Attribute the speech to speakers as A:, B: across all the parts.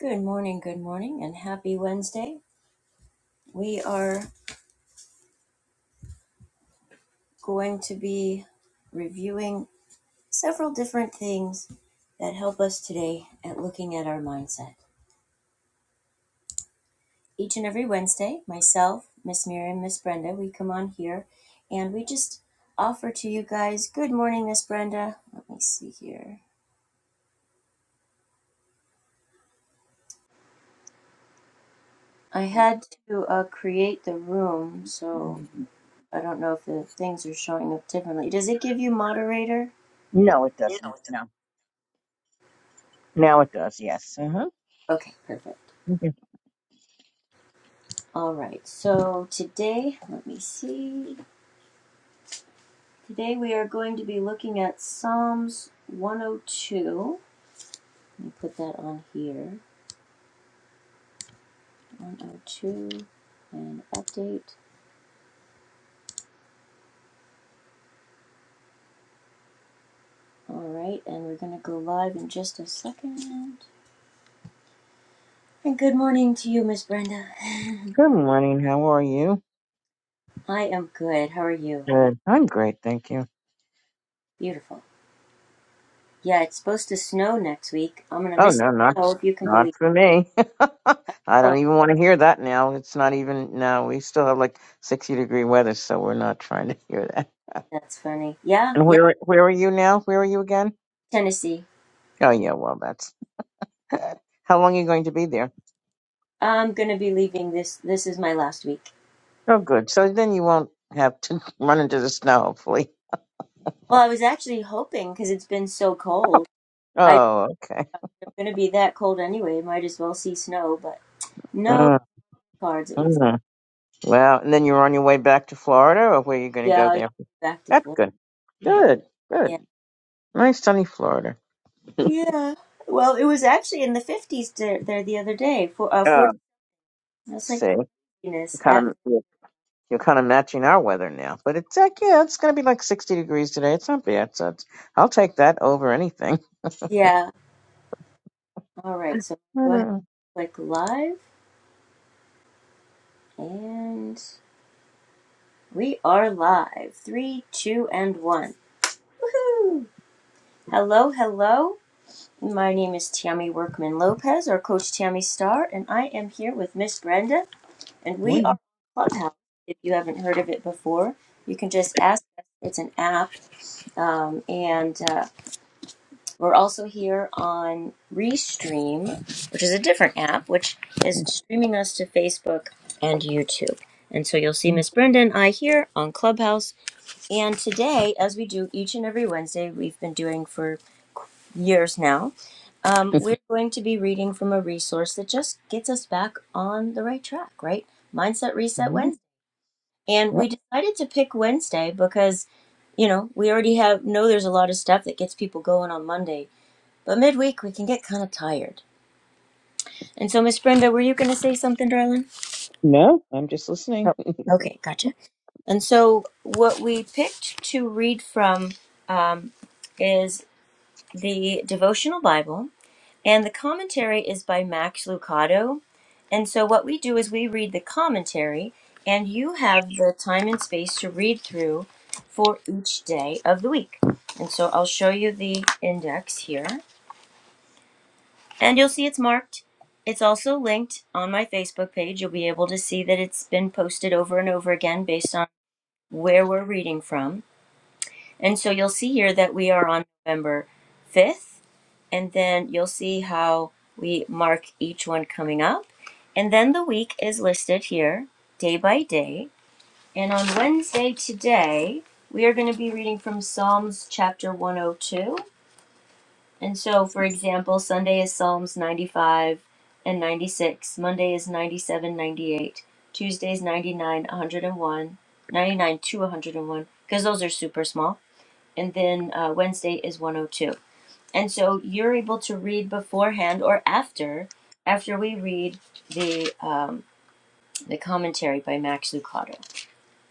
A: Good morning, good morning, and happy Wednesday. We are going to be reviewing several different things that help us today at looking at our mindset. Each and every Wednesday, myself, Miss Miriam, Miss Brenda, we come on here and we just offer to you guys, good morning, Miss Brenda. Let me see here. I had to uh, create the room, so
B: Mm,
A: I don't know if the things are showing up differently. Does it give you moderator?
B: No, it doesn't. No. Now it does, yes. Uh-huh.
A: Okay, perfect.
B: Okay.
A: All right, so today, let me see. Today we are going to be looking at Psalms 102. Let me put that on here. 102 and update. All right, and we're going to go live in just a second. And good morning to you, Miss Brenda.
B: Good morning. How are you?
A: I am good. How are you?
B: Good. I'm great, thank you.
A: Beautiful. Yeah, it's supposed to snow next week. I'm going to
B: Oh,
A: miss
B: no,
A: the
B: not
A: snow if you can believe.
B: not
A: it.
B: for me. I
A: Oh,
B: don't even want to hear that now. It's not even, no, we still have like 60 degree weather, so we're not trying to hear that.
A: that's funny. Yeah,
B: And
A: yeah,
B: where where are you now? Where are you again?
A: Tennessee.
B: Oh, yeah, well, that's. How long are you going to be there?
A: I'm going to be leaving this. This is my last week.
B: Oh, good. So then you won't have to run into the snow, hopefully.
A: Well, I was actually hoping because it's been so cold. I,
B: Oh, okay.
A: it's going to be that cold anyway. Might as well see snow, but no
B: Mm,
A: cards. It would.
B: mm. Well, and then you're on your way back to Florida, or where you going to go
A: Yeah, i
B: there?
A: back to
B: That's
A: Florida.
B: good. Good. Good.
A: Yeah,
B: Nice sunny Florida.
A: yeah. Well, it was actually in the fifties there, there the other day. For uh,
B: Uh,
A: forty. I was like
B: see,
A: craziness.
B: kind
A: At
B: of you're you're kind of matching our weather now, but it's like yeah, it's going to be like 60 degrees today. It's not bad. So it's, I'll take that over anything.
A: yeah. All right. So go ahead.
B: Mm,
A: Click live, and we are live. Three, two, and one. Woohoo! Hello, hello. My name is Tammy Workman Lopez, or Coach Tammy Star, and I am here with Miss Brenda, and we
B: wonderful.
A: are Clubhouse. If you haven't heard of it before, you can just ask us. It's an app, um, and uh, we're also here on Restream, which is a different app, which is streaming us to Facebook and YouTube. And so you'll see
B: Mhm.
A: Miss Brenda and I here on Clubhouse and today, as we do each and every Wednesday, we've been doing for years now, um, we're going to be reading from a resource that just gets us back on the right track, right? Mindset Reset Wednesday. And we
B: Yep.
A: decided to pick Wednesday because, you know, we already have know there's a lot of stuff that gets people going on Monday, but midweek we can get kind of tired. And so, Miss Brenda, were you going to say something, darling?
B: No, I'm just listening.
A: Oh, okay, gotcha. And so, what we picked to read from um, is the devotional Bible, and the commentary is by Max Lucado. And so, what we do is we read the commentary, and you have the time and space to read through for each day of the week. And so, I'll show you the index here, and you'll see it's marked. It's also linked on my Facebook page. You'll be able to see that it's been posted over and over again based on where we're reading from. And so, you'll see here that we are on November 5th and then you'll see how we mark each one coming up. And then the week is listed here, day by day. And on Wednesday today, we are going to be reading from Psalms chapter 102. And so, for example, Sunday is Psalms 95 and 96, Monday is 97, 98, Tuesday is 99, 101, 99 to 101, because those are super small. And then uh, Wednesday is 102. And so you're able to read beforehand or after, after we read the um, the commentary by Max Lucado.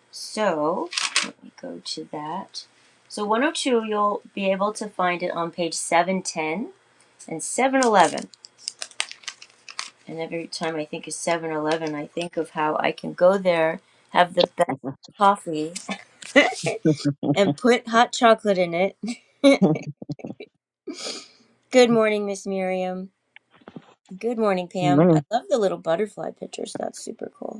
A: So let me go to that. So 102, you'll be able to find it on page 710 and 711. And every time I think of 711, I think of how I can go there, have the best coffee, and put hot chocolate in it. Good morning, Miss Miriam. Good morning, Pam.
B: Mm,
A: I love the little butterfly pictures. That's super cool.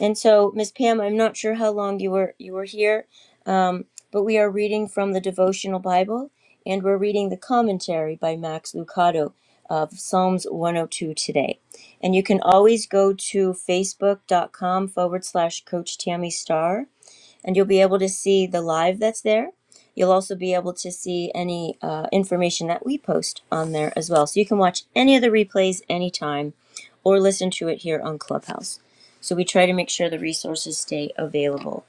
A: And so, Ms. Pam, I'm not sure how long you were you were here, um, but we are reading from the devotional Bible, and we're reading the commentary by Max Lucado of Psalms 102 today. And you can always go to facebook.com forward slash Coach Tammy Starr and you'll be able to see the live that's there. You'll also be able to see any uh, information that we post on there as well. So you can watch any of the replays anytime or listen to it here on Clubhouse. So we try to make sure the resources stay available.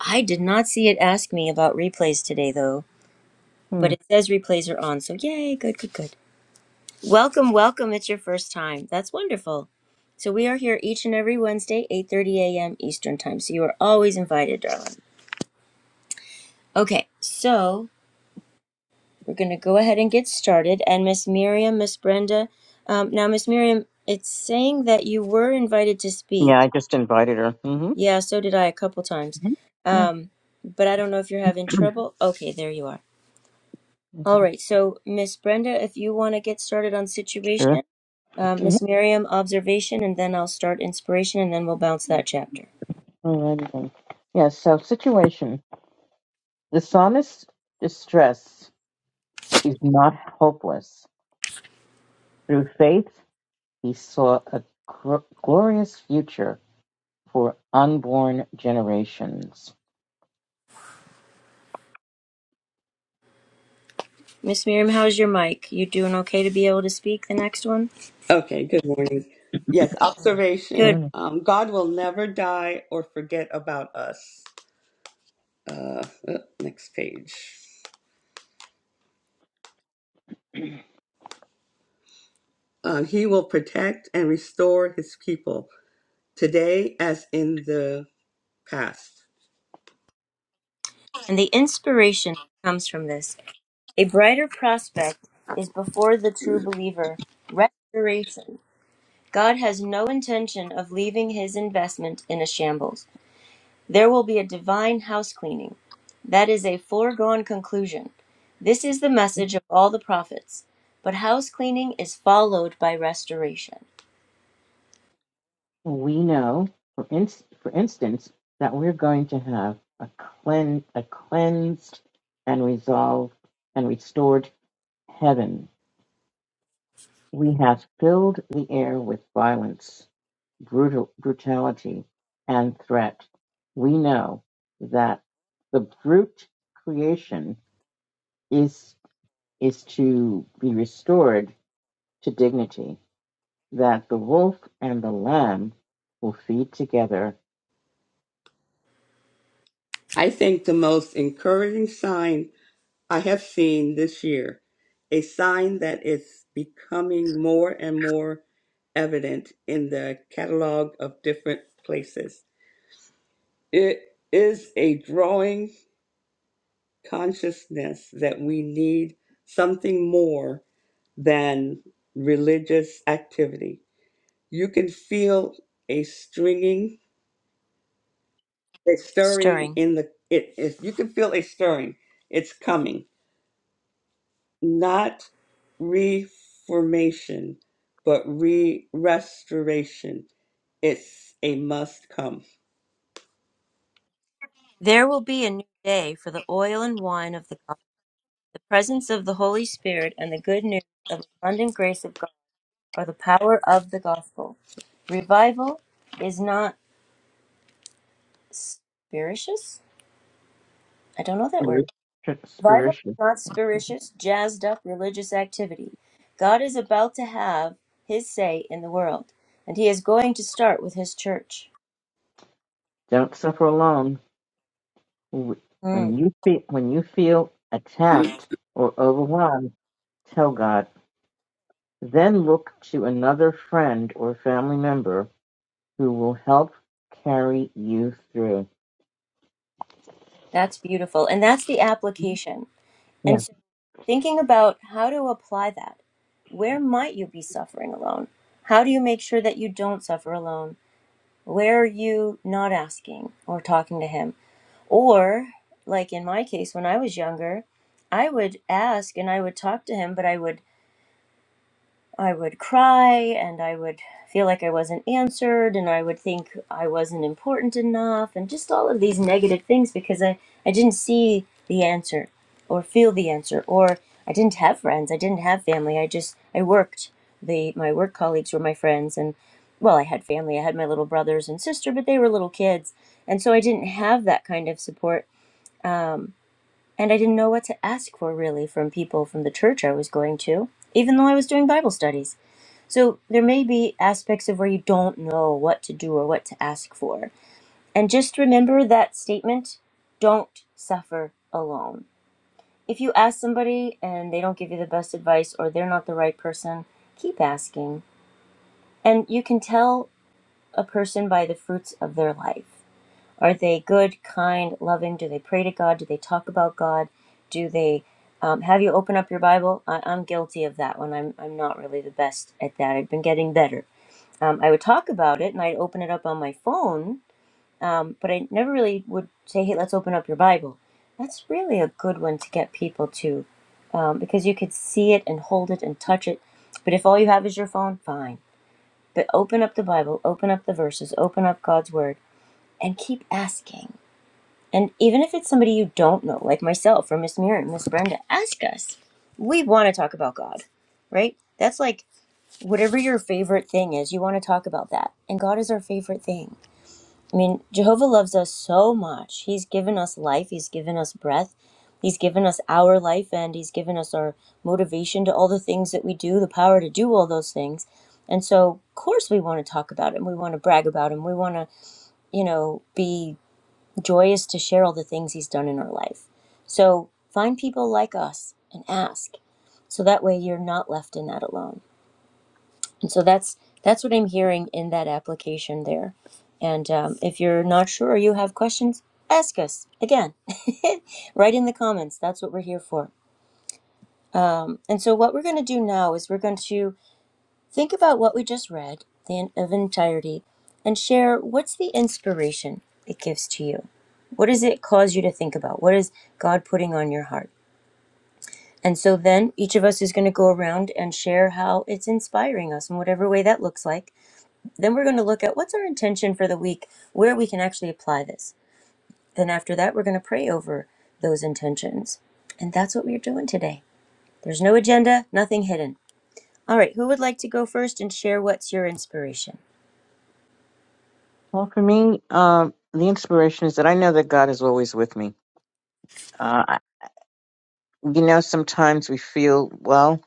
A: I did not see it ask me about replays today though, but
B: mm.
A: it says replays are on. So yay, good, good, good. Welcome, welcome. It's your first time. That's wonderful. So we are here each and every Wednesday, 8:30 a.m. Eastern Time. So you are always invited, darling. Okay, so We're going to go ahead and get started. And Miss Miriam, Miss Brenda, um, now Miss Miriam, it's saying that you were invited to
B: yeah,
A: speak.
B: I just invited her. hmm
A: Yeah, so did I a couple times.
B: hmm
A: Um, but I don't know if you're having trouble. Okay, there you are. All right, so Miss Brenda, if you want to get started on
B: Sure.
A: situation, uh,
B: Mhm.
A: Miss Miriam, observation, and then I'll start inspiration, and then we'll bounce that chapter.
B: Alrighty then. Yeah. So situation. The psalmist's distress is not hopeless. Through faith, he saw a gr- glorious future for unborn generations.
A: Miss Miriam, how's your mic? You doing okay to be able to speak the next one?
C: Okay, good morning. Yes,
A: Good.
C: observation.
B: Morning.
C: Um, God will never die or forget about us. Uh, uh, next page. Um, he will protect and restore his people today as in the past.
A: And the inspiration that comes from this. A brighter prospect is before the true believer restoration. God has no intention of leaving his investment in a shambles. There will be a divine house cleaning. That is a foregone conclusion. This is the message of all the prophets. But house cleaning is followed by restoration.
B: We know, for, ins for instance, that we're going to have a, clean- a cleansed and resolved and restored heaven. We have filled the air with violence. brutal, brutality and threat, we know that the brute creation is is to be restored to dignity. That the wolf and the lamb will feed together
C: I think the most encouraging sign I have seen this year, a sign that is becoming more and more evident in the catalog of different places. It is a drawing consciousness that we need something more than religious activity. You can feel a stringing, a stirring
A: Stirring.
C: in the it, it you can feel a stirring. It's coming. Not reformation, but re restoration. It's a must come.
A: There will be a new day for the oil and wine of the gospel, the presence of the Holy Spirit, and the good news of abundant grace of God. or the power of the gospel. Revival is not spirituous. I don't know that word. Revival
B: spiritually.
A: is not spirituous, jazzed up religious activity. God is about to have his say in the world, and he is going to start with his church.
B: Don't suffer alone. When
A: Mm,
B: you feel when you feel attacked or overwhelmed, tell God. Then look to another friend or family member who will help carry you through.
A: that's beautiful. And that's the application. And
B: Yeah.
A: so thinking about how to apply that. Where might you be suffering alone? How do you make sure that you don't suffer alone? Where are you not asking or talking to him? Or, like in my case, when I was younger, I would ask and I would talk to him, but I would I would cry and I would feel like I wasn't answered and I would think I wasn't important enough and just all of these negative things because I, I didn't see the answer or feel the answer or I didn't have friends, I didn't have family. I just I worked. The my work colleagues were my friends and well, I had family. I had my little brothers and sister, but they were little kids. And so I didn't have that kind of support and I didn't know what to ask for really from people from the church I was going to, even though I was doing Bible studies. So there may be aspects of where you don't know what to do or what to ask for. And just remember that statement don't suffer alone. If you ask somebody and they don't give you the best advice or they're not the right person, keep asking. And you can tell a person by the fruits of their life. Are they good, kind, loving? Do they pray to God? Do they talk about God? Do they um, have you open up your Bible? I, I'm guilty of that one. I'm, I'm not really the best at that. I've been getting better. Um, I would talk about it and I'd open it up on my phone, but I never really would say, hey, let's open up your Bible. That's really a good one to get people to um, because you could see it and hold it and touch it. But if all you have is your phone, fine. But open up the Bible, open up the verses, open up God's Word, and keep asking and even if it's somebody you don't know, like myself or Miss Mirren, Miss Brenda, ask us. We want to talk about God, right? That's like whatever your favorite thing is, you want to talk about that. And God is our favorite thing. I mean, Jehovah loves us so much. He's given us life, He's given us breath, He's given us our life, and He's given us our motivation to all the things that we do, the power to do all those things. And so, of course, we want to talk about Him. We want to brag about Him. We want to, you know, be Joy is to share all the things He's done in our life. So find people like us and ask, so that way you're not left in that alone. And so that's that's what I'm hearing in that application there. And um, if you're not sure or you have questions, ask us again, right in the comments. That's what we're here for. Um, and so what we're going to do now is we're going to think about what we just read the in- of entirety, and share what's the inspiration it gives to you. What does it cause you to think about? What is God putting on your heart? And so then each of us is going to go around and share how it's inspiring us in whatever way that looks like. Then we're going to look at what's our intention for the week, where we can actually apply this. Then after that, we're going to pray over those intentions. And that's what we're doing today. There's no agenda, nothing hidden. All right, who would like to go first and share what's your inspiration?
B: Well, for me, um, the inspiration is that I know that God is always with me. Uh, I- you know, sometimes we feel, well,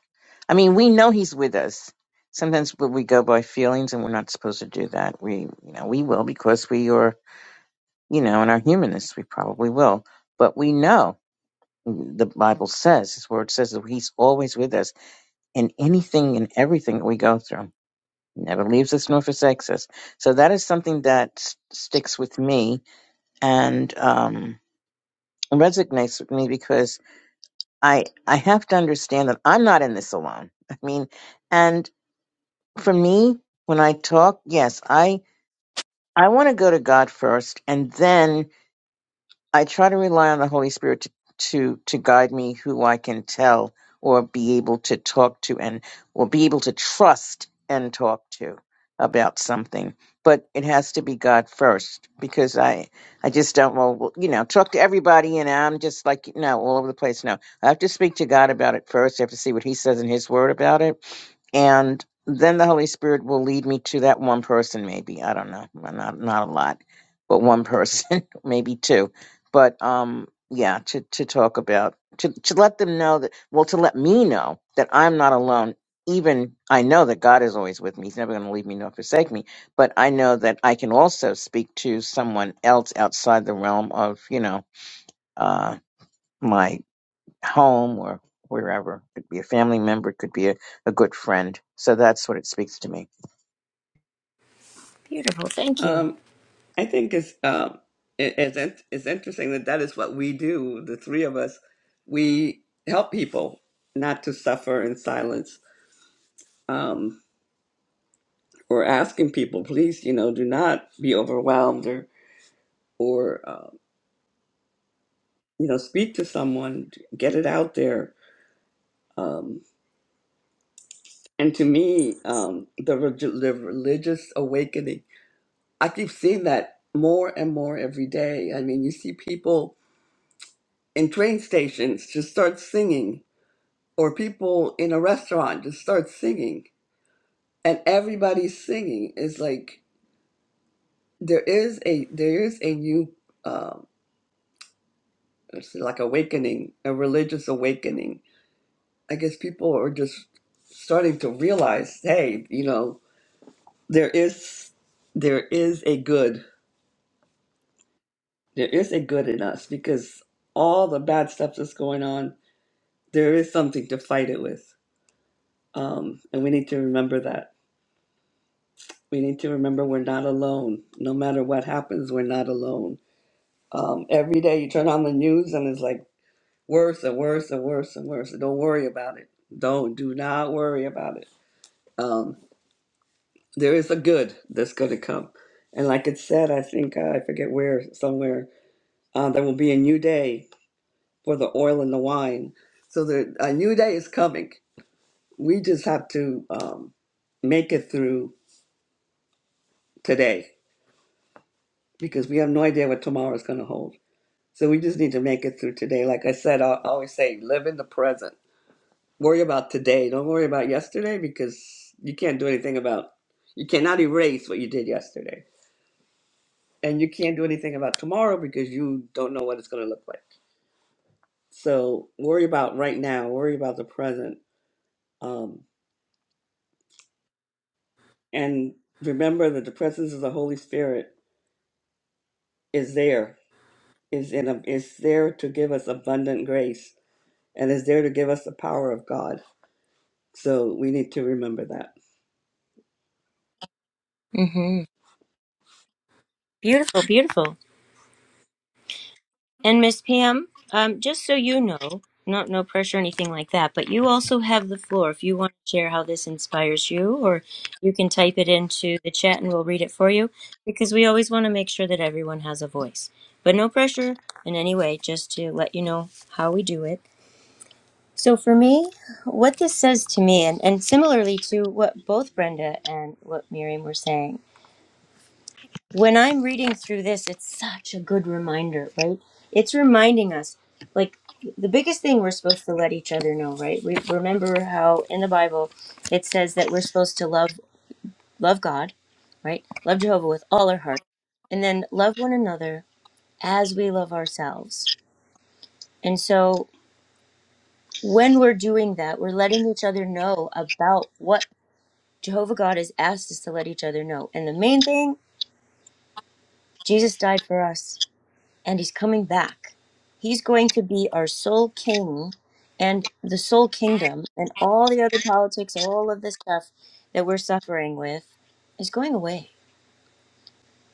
B: I mean, we know He's with us. Sometimes we we go by feelings and we're not supposed to do that. We, you know, we will because we are, you know, in our humanness, we probably will. But we know mm, the Bible says, His Word says that He's always with us in anything and everything that we go through. never leaves us nor forsakes us. So that is something that s- sticks with me and um, resonates with me because I I have to understand that I'm not in this alone. I mean, and for me, when I talk, yes, I I want to go to God first, and then I try to rely on the Holy Spirit to, to to guide me who I can tell or be able to talk to and or be able to trust and talk to about something. But it has to be God first because I I just don't well well, you know talk to everybody and I'm just like you know all over the place. No, I have to speak to God about it first. I have to see what He says in His Word about it and then the Holy Spirit will lead me to that one person, maybe I don't know, Well, not not a lot, but one person, maybe two, but um, yeah, to to talk about to to let them know that well, to let me know that I'm not alone. Even I know that God is always with me; He's never going to leave me nor forsake me. But I know that I can also speak to someone else outside the realm of you know uh, my home or wherever. Could be a family member, could be a, a good friend. So that's what it speaks to me.
A: Beautiful, thank you.
C: Um, I think it's um it, it's in- it's interesting that that is what we do. The three of us, we help people not to suffer in silence. Um, we're asking people, please, you know, do not be overwhelmed or or uh, you know, speak to someone, get it out there. Um, and to me, um, the, relig- the religious awakening, I keep seeing that more and more every day. I mean, you see people in train stations just start singing or people in a restaurant just start singing and everybody's singing It's like there is a there is a new um it's like awakening a religious awakening i guess people are just starting to realize hey you know there is there is a good there is a good in us because all the bad stuff that's going on there is something to fight it with um and we need to remember that We need to remember we're not alone. No matter what happens, we're not alone. Um, every day you turn on the news and it's like worse and worse and worse and worse. Don't worry about it. Don't do not worry about it. Um, there is a good that's going to come, and like it said, I think uh, I forget where somewhere uh, there will be a new day for the oil and the wine. So there, a new day is coming. We just have to um, make it through today because we have no idea what tomorrow is going to hold. So we just need to make it through today. Like I said, I I always say, live in the present. Worry about today. Don't worry about yesterday because you can't do anything about, you cannot erase what you did yesterday. And you can't do anything about tomorrow because you don't know what it's going to look like. So worry about right now. Worry about the present. Um, and remember that the presence of the Holy Spirit is there, is, in a, is there to give us abundant grace and is there to give us the power of God. So we need to remember that.
A: mm hmm Beautiful, beautiful. And Miss Pam, um, just so you know, not no pressure, or anything like that, but you also have the floor if you want to share how this inspires you, or you can type it into the chat and we'll read it for you because we always want to make sure that everyone has a voice. But no pressure in any way, just to let you know how we do it. So for me, what this says to me, and, and similarly to what both Brenda and what Miriam were saying, when I'm reading through this, it's such a good reminder, right? It's reminding us, like, the biggest thing we're supposed to let each other know, right? We remember how in the Bible it says that we're supposed to love love God, right? Love Jehovah with all our heart, and then love one another as we love ourselves. And so when we're doing that, we're letting each other know about what Jehovah God has asked us to let each other know. And the main thing, Jesus died for us. and he's coming back. He's going to be our soul king and the soul kingdom and all the other politics, all of this stuff that we're suffering with is going away.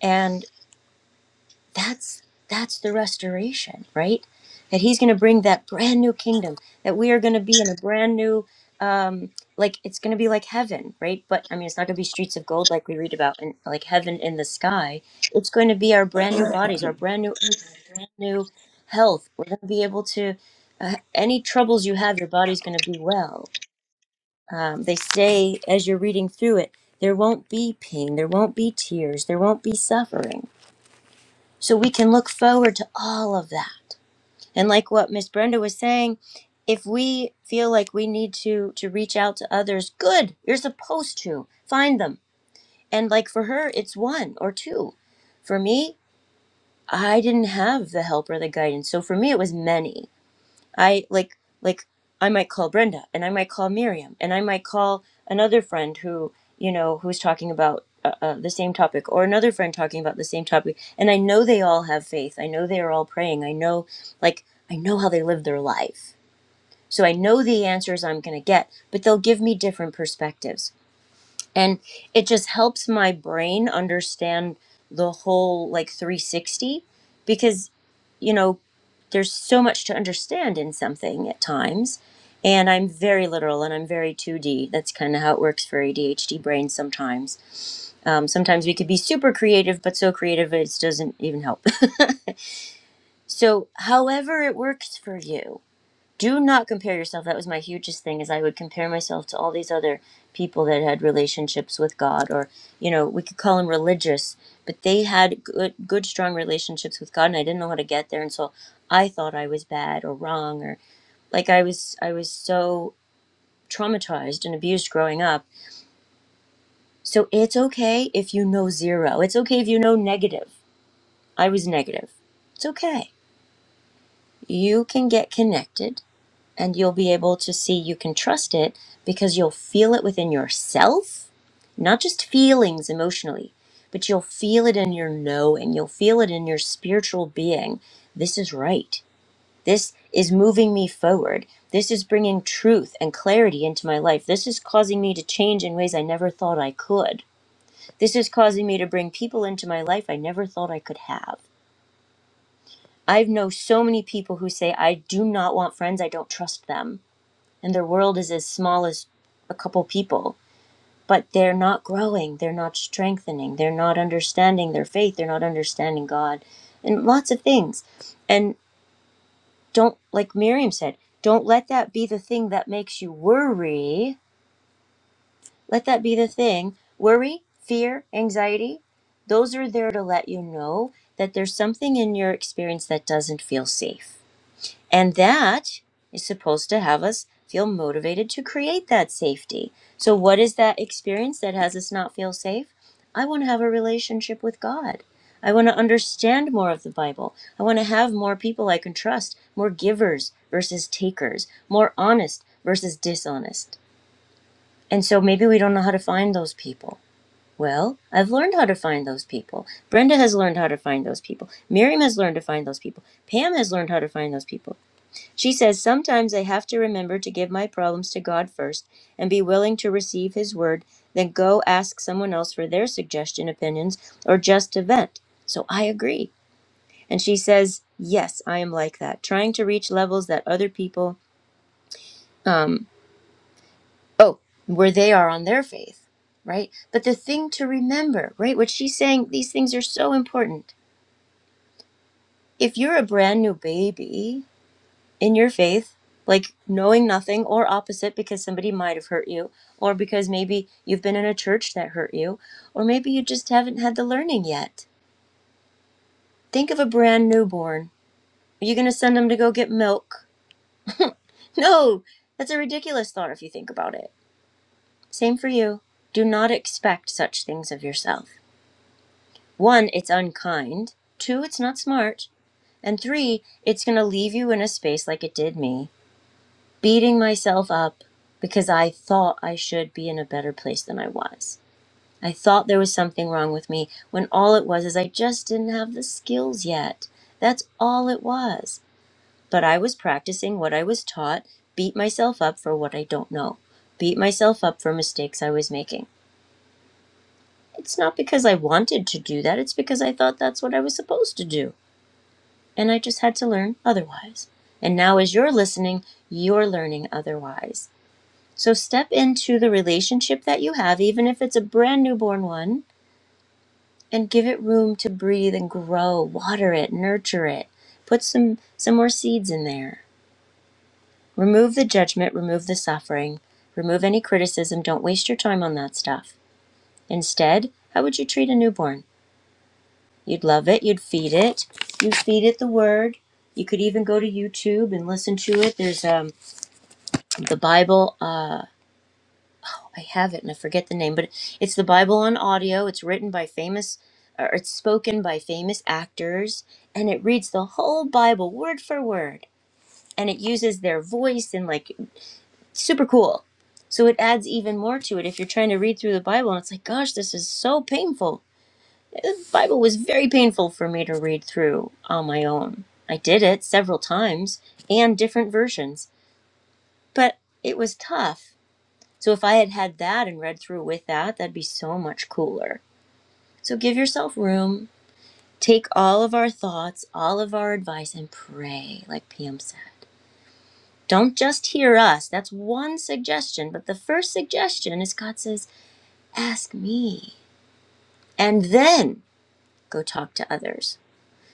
A: And that's that's the restoration right that he's going to bring that brand new kingdom that we are going to be in a brand new um like it's going to be like heaven right but i mean it's not going to be streets of gold like we read about and like heaven in the sky it's going to be our brand new bodies our brand new earth, our brand new health we're going to be able to uh, any troubles you have your body's going to be well um, they say as you're reading through it there won't be pain there won't be tears there won't be suffering so we can look forward to all of that. And like what Miss Brenda was saying, if we feel like we need to to reach out to others, good. You're supposed to find them. And like for her, it's one or two. For me, I didn't have the help or the guidance. So for me it was many. I like like I might call Brenda and I might call Miriam and I might call another friend who you know who's talking about uh, uh, the same topic or another friend talking about the same topic and I know they all have faith. I know they are all praying. I know like I know how they live their life. So I know the answers I'm going to get, but they'll give me different perspectives. And it just helps my brain understand the whole like 360 because you know, there's so much to understand in something at times. And I'm very literal and I'm very 2D. That's kind of how it works for ADHD brains sometimes. Um, sometimes we could be super creative, but so creative it doesn't even help. so, however, it works for you do not compare yourself that was my hugest thing is i would compare myself to all these other people that had relationships with god or you know we could call them religious but they had good good strong relationships with god and i didn't know how to get there and so i thought i was bad or wrong or like i was i was so traumatized and abused growing up so it's okay if you know zero it's okay if you know negative i was negative it's okay you can get connected and you'll be able to see you can trust it because you'll feel it within yourself, not just feelings emotionally, but you'll feel it in your knowing, you'll feel it in your spiritual being. This is right. This is moving me forward. This is bringing truth and clarity into my life. This is causing me to change in ways I never thought I could. This is causing me to bring people into my life I never thought I could have. I know so many people who say, I do not want friends, I don't trust them and their world is as small as a couple people but they're not growing they're not strengthening they're not understanding their faith they're not understanding god and lots of things and don't like miriam said don't let that be the thing that makes you worry let that be the thing worry fear anxiety those are there to let you know that there's something in your experience that doesn't feel safe And that is supposed to have us feel motivated to create that safety. So, what is that experience that has us not feel safe? I want to have a relationship with God. I want to understand more of the Bible. I want to have more people I can trust, more givers versus takers, more honest versus dishonest. And so maybe we don't know how to find those people. Well, I've learned how to find those people. Brenda has learned how to find those people. Miriam has learned to find those people. Pam has learned how to find those people. She says, Sometimes I have to remember to give my problems to God first and be willing to receive His word, then go ask someone else for their suggestion, opinions, or just to vent. So I agree. And she says, Yes, I am like that, trying to reach levels that other people, um, oh, where they are on their faith, right? But the thing to remember, right, what she's saying, these things are so important. If you're a brand new baby, in your faith, like knowing nothing or opposite because somebody might have hurt you, or because maybe you've been in a church that hurt you, or maybe you just haven't had the learning yet. Think of a brand newborn. Are you going to send them to go get milk? No, that's a ridiculous thought if you think about it. Same for you. Do not expect such things of yourself. One, it's unkind. Two, it's not smart. And three, it's going to leave you in a space like it did me beating myself up because I thought I should be in a better place than I was. I thought there was something wrong with me when all it was is I just didn't have the skills yet. That's all it was. But I was practicing what I was taught, beat myself up for what I don't know, beat myself up for mistakes I was making. It's not because I wanted to do that, it's because I thought that's what I was supposed to do. And I just had to learn otherwise. And now, as you're listening, you're learning otherwise So step into the relationship that you have, even if it's a brand newborn one, and give it room to breathe and grow. Water it, nurture it. Put some some more seeds in there. Remove the judgment, remove the suffering, remove any criticism. Don't waste your time on that stuff. Instead, how would you treat a newborn? You'd love it, you'd feed it. You feed it the word. You could even go to YouTube and listen to it. There's um, the Bible. uh, I have it and I forget the name, but it's the Bible on audio. It's written by famous, or it's spoken by famous actors, and it reads the whole Bible word for word, and it uses their voice and like super cool. So it adds even more to it if you're trying to read through the Bible, and it's like, gosh, this is so painful. The Bible was very painful for me to read through on my own. I did it several times and different versions, but it was tough so if I had had that and read through with that, that'd be so much cooler. So give yourself room, take all of our thoughts, all of our advice, and pray, like PM said. Don't just hear us. That's one suggestion. But the first suggestion is God says, ask me. And then go talk to others.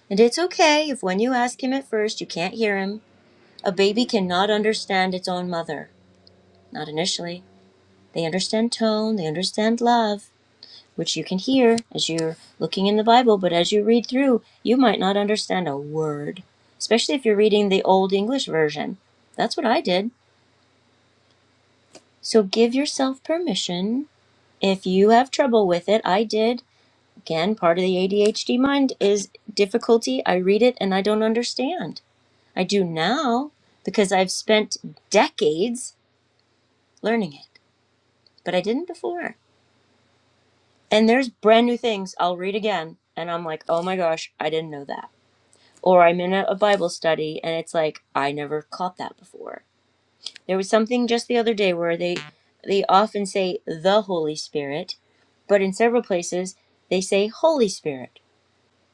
A: And it's okay if when you ask Him at first, you can't hear Him. A baby cannot understand its own mother, not initially. They understand tone, they understand love which you can hear as you're looking in the Bible, but as you read through, you might not understand a word, especially if you're reading the Old English Version. That's what I did. So give yourself permission if you have trouble with it. I did. Again, part of the ADHD mind is difficulty. I read it and I don't understand. I do now because I've spent decades learning it, but I didn't before. And there's brand new things I'll read again. And I'm like, oh my gosh, I didn't know that or I'm in a, Bible study and it's like I never caught that before. There was something just the other day where they they often say the Holy Spirit, but in several places they say Holy Spirit.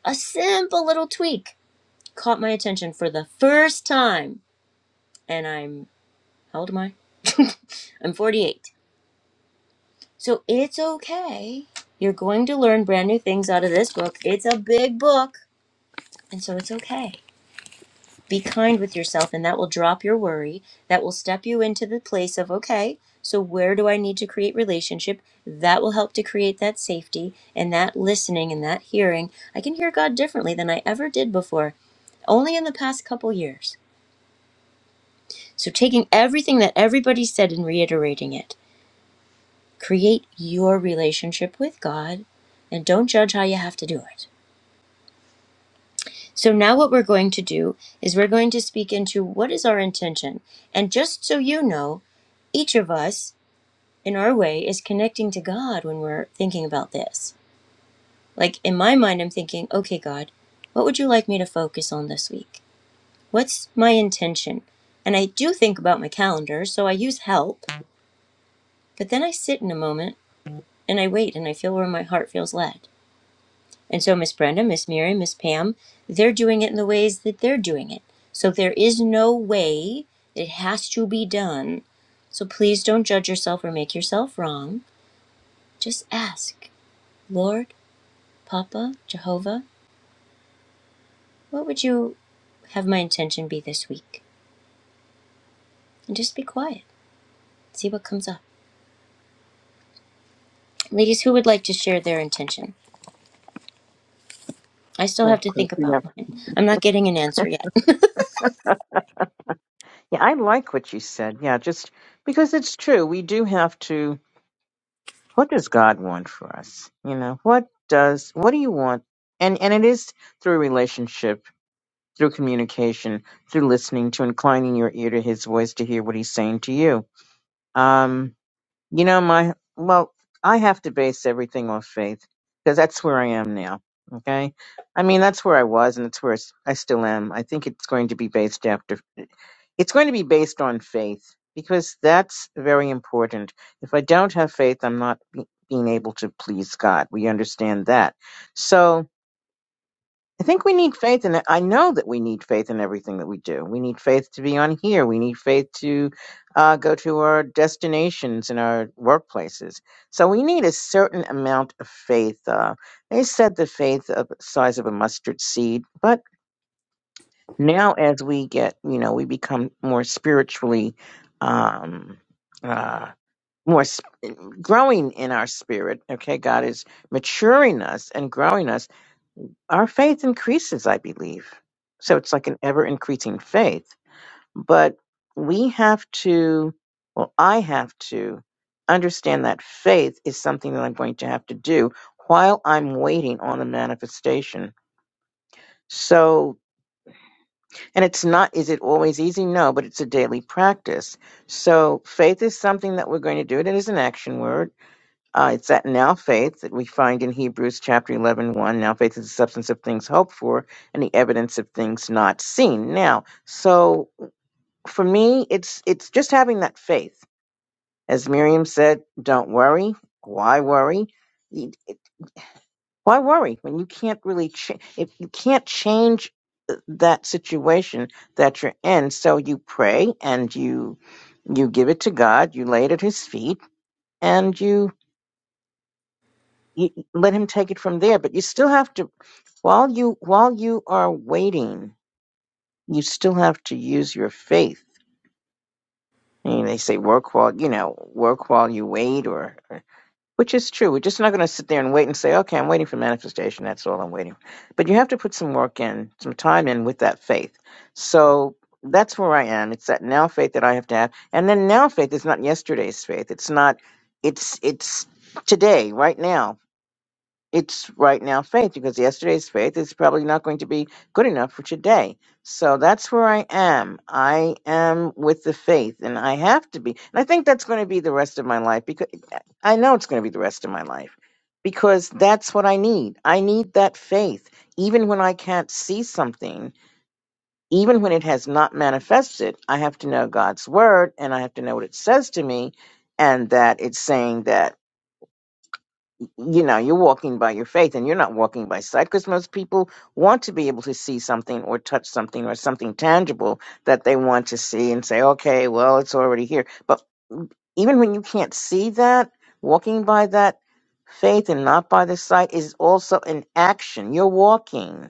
A: A simple little tweak caught my attention for the first time and I'm how old am I? I'm 48. So it's okay. You're going to learn brand new things out of this book. It's a big book, and so it's okay. Be kind with yourself, and that will drop your worry. That will step you into the place of, okay, so where do I need to create relationship? That will help to create that safety and that listening and that hearing. I can hear God differently than I ever did before, only in the past couple years. So, taking everything that everybody said and reiterating it, create your relationship with God and don't judge how you have to do it. So, now what we're going to do is we're going to speak into what is our intention. And just so you know, each of us in our way is connecting to God when we're thinking about this. Like in my mind, I'm thinking, okay, God, what would you like me to focus on this week? What's my intention? And I do think about my calendar, so I use help, but then I sit in a moment and I wait and I feel where my heart feels led. And so Miss Brenda, Miss Mary, Miss Pam, they're doing it in the ways that they're doing it. So there is no way that it has to be done. So please don't judge yourself or make yourself wrong. Just ask. Lord, Papa, Jehovah, what would you have my intention be this week? And just be quiet. See what comes up. Ladies, who would like to share their intention? I still have
B: Of
A: to
B: course,
A: think
B: yeah.
A: about mine. I'm not getting an answer yet.
B: Yeah, I like what you said. Yeah, just because it's true. We do have to what does God want for us? You know, what does what do you want? And and it is through relationship, through communication, through listening to inclining your ear to his voice to hear what he's saying to you. Um You know, my, well, I have to base everything off faith because that's where I am now. Okay. I mean, that's where I was and it's where s- I still am. I think it's going to be based after, it's going to be based on faith because that's very important. If I don't have faith, I'm not be, being able to please God. We understand that. So, I think we need faith in it. I know that we need faith in everything that we do. We need faith to be on here. We need faith to uh, go to our destinations and our workplaces. So we need a certain amount of faith. Uh, they said the faith of the size of a mustard seed, but now as we get, you know, we become more spiritually, um, uh, more sp- growing in our spirit. Okay, God is maturing us and growing us our faith increases, I believe. So it's like an ever increasing faith. But we have to, well, I have to understand that faith is something that I'm going to have to do while I'm waiting on the manifestation. So, and it's not, is it always easy? No, but it's a daily practice. So faith is something that we're going to do. It is an action word uh, it's that now faith that we find in Hebrews chapter eleven one. Now faith is the substance of things hoped for and the evidence of things not seen. Now, so for me, it's it's just having that faith. As Miriam said, don't worry. Why worry? Y- it- Why worry when you can't really cha- if you can't change uh, that situation that you're in? So you pray and you you give it to God. You lay it at His feet and you you, let him take it from there. But you still have to while you while you are waiting, you still have to use your faith. And they say work while you know work while you wait, or, or which is true. We're just not going to sit there and wait and say, okay, I'm waiting for manifestation. That's all I'm waiting. for. But you have to put some work in, some time in with that faith. So that's where I am. It's that now faith that I have to have, and then now faith is not yesterday's faith. It's not. It's it's today, right now it's right now faith because yesterday's faith is probably not going to be good enough for today. So that's where I am. I am with the faith and I have to be. And I think that's going to be the rest of my life because I know it's going to be the rest of my life because that's what I need. I need that faith. Even when I can't see something, even when it has not manifested, I have to know God's word and I have to know what it says to me and that it's saying that you know you're walking by your faith and you're not walking by sight because most people want to be able to see something or touch something or something tangible that they want to see and say okay well it's already here but even when you can't see that walking by that faith and not by the sight is also an action you're walking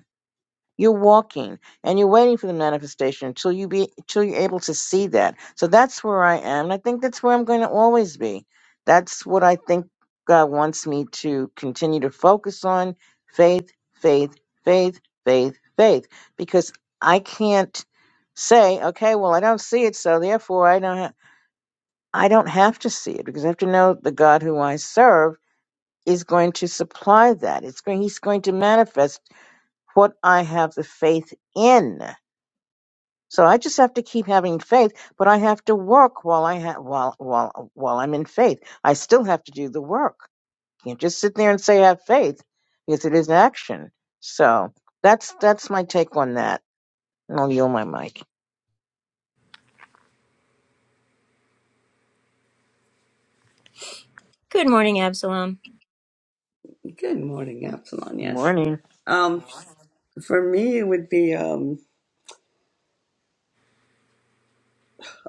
B: you're walking and you're waiting for the manifestation until you be until you're able to see that. So that's where I am. And I think that's where I'm going to always be. That's what I think God wants me to continue to focus on faith, faith, faith, faith, faith. Because I can't say, okay, well I don't see it, so therefore I don't ha- I don't have to see it because I have to know the God who I serve is going to supply that. It's going he's going to manifest what I have the faith in. So I just have to keep having faith, but I have to work while I ha- while while while I'm in faith. I still have to do the work. You Can't just sit there and say I have faith because it is action. So that's that's my take on that. And I'll yield my mic.
A: Good morning, Absalom.
C: Good morning, Absalon.
B: Good
C: Yes.
B: morning.
C: Um, for me, it would be um.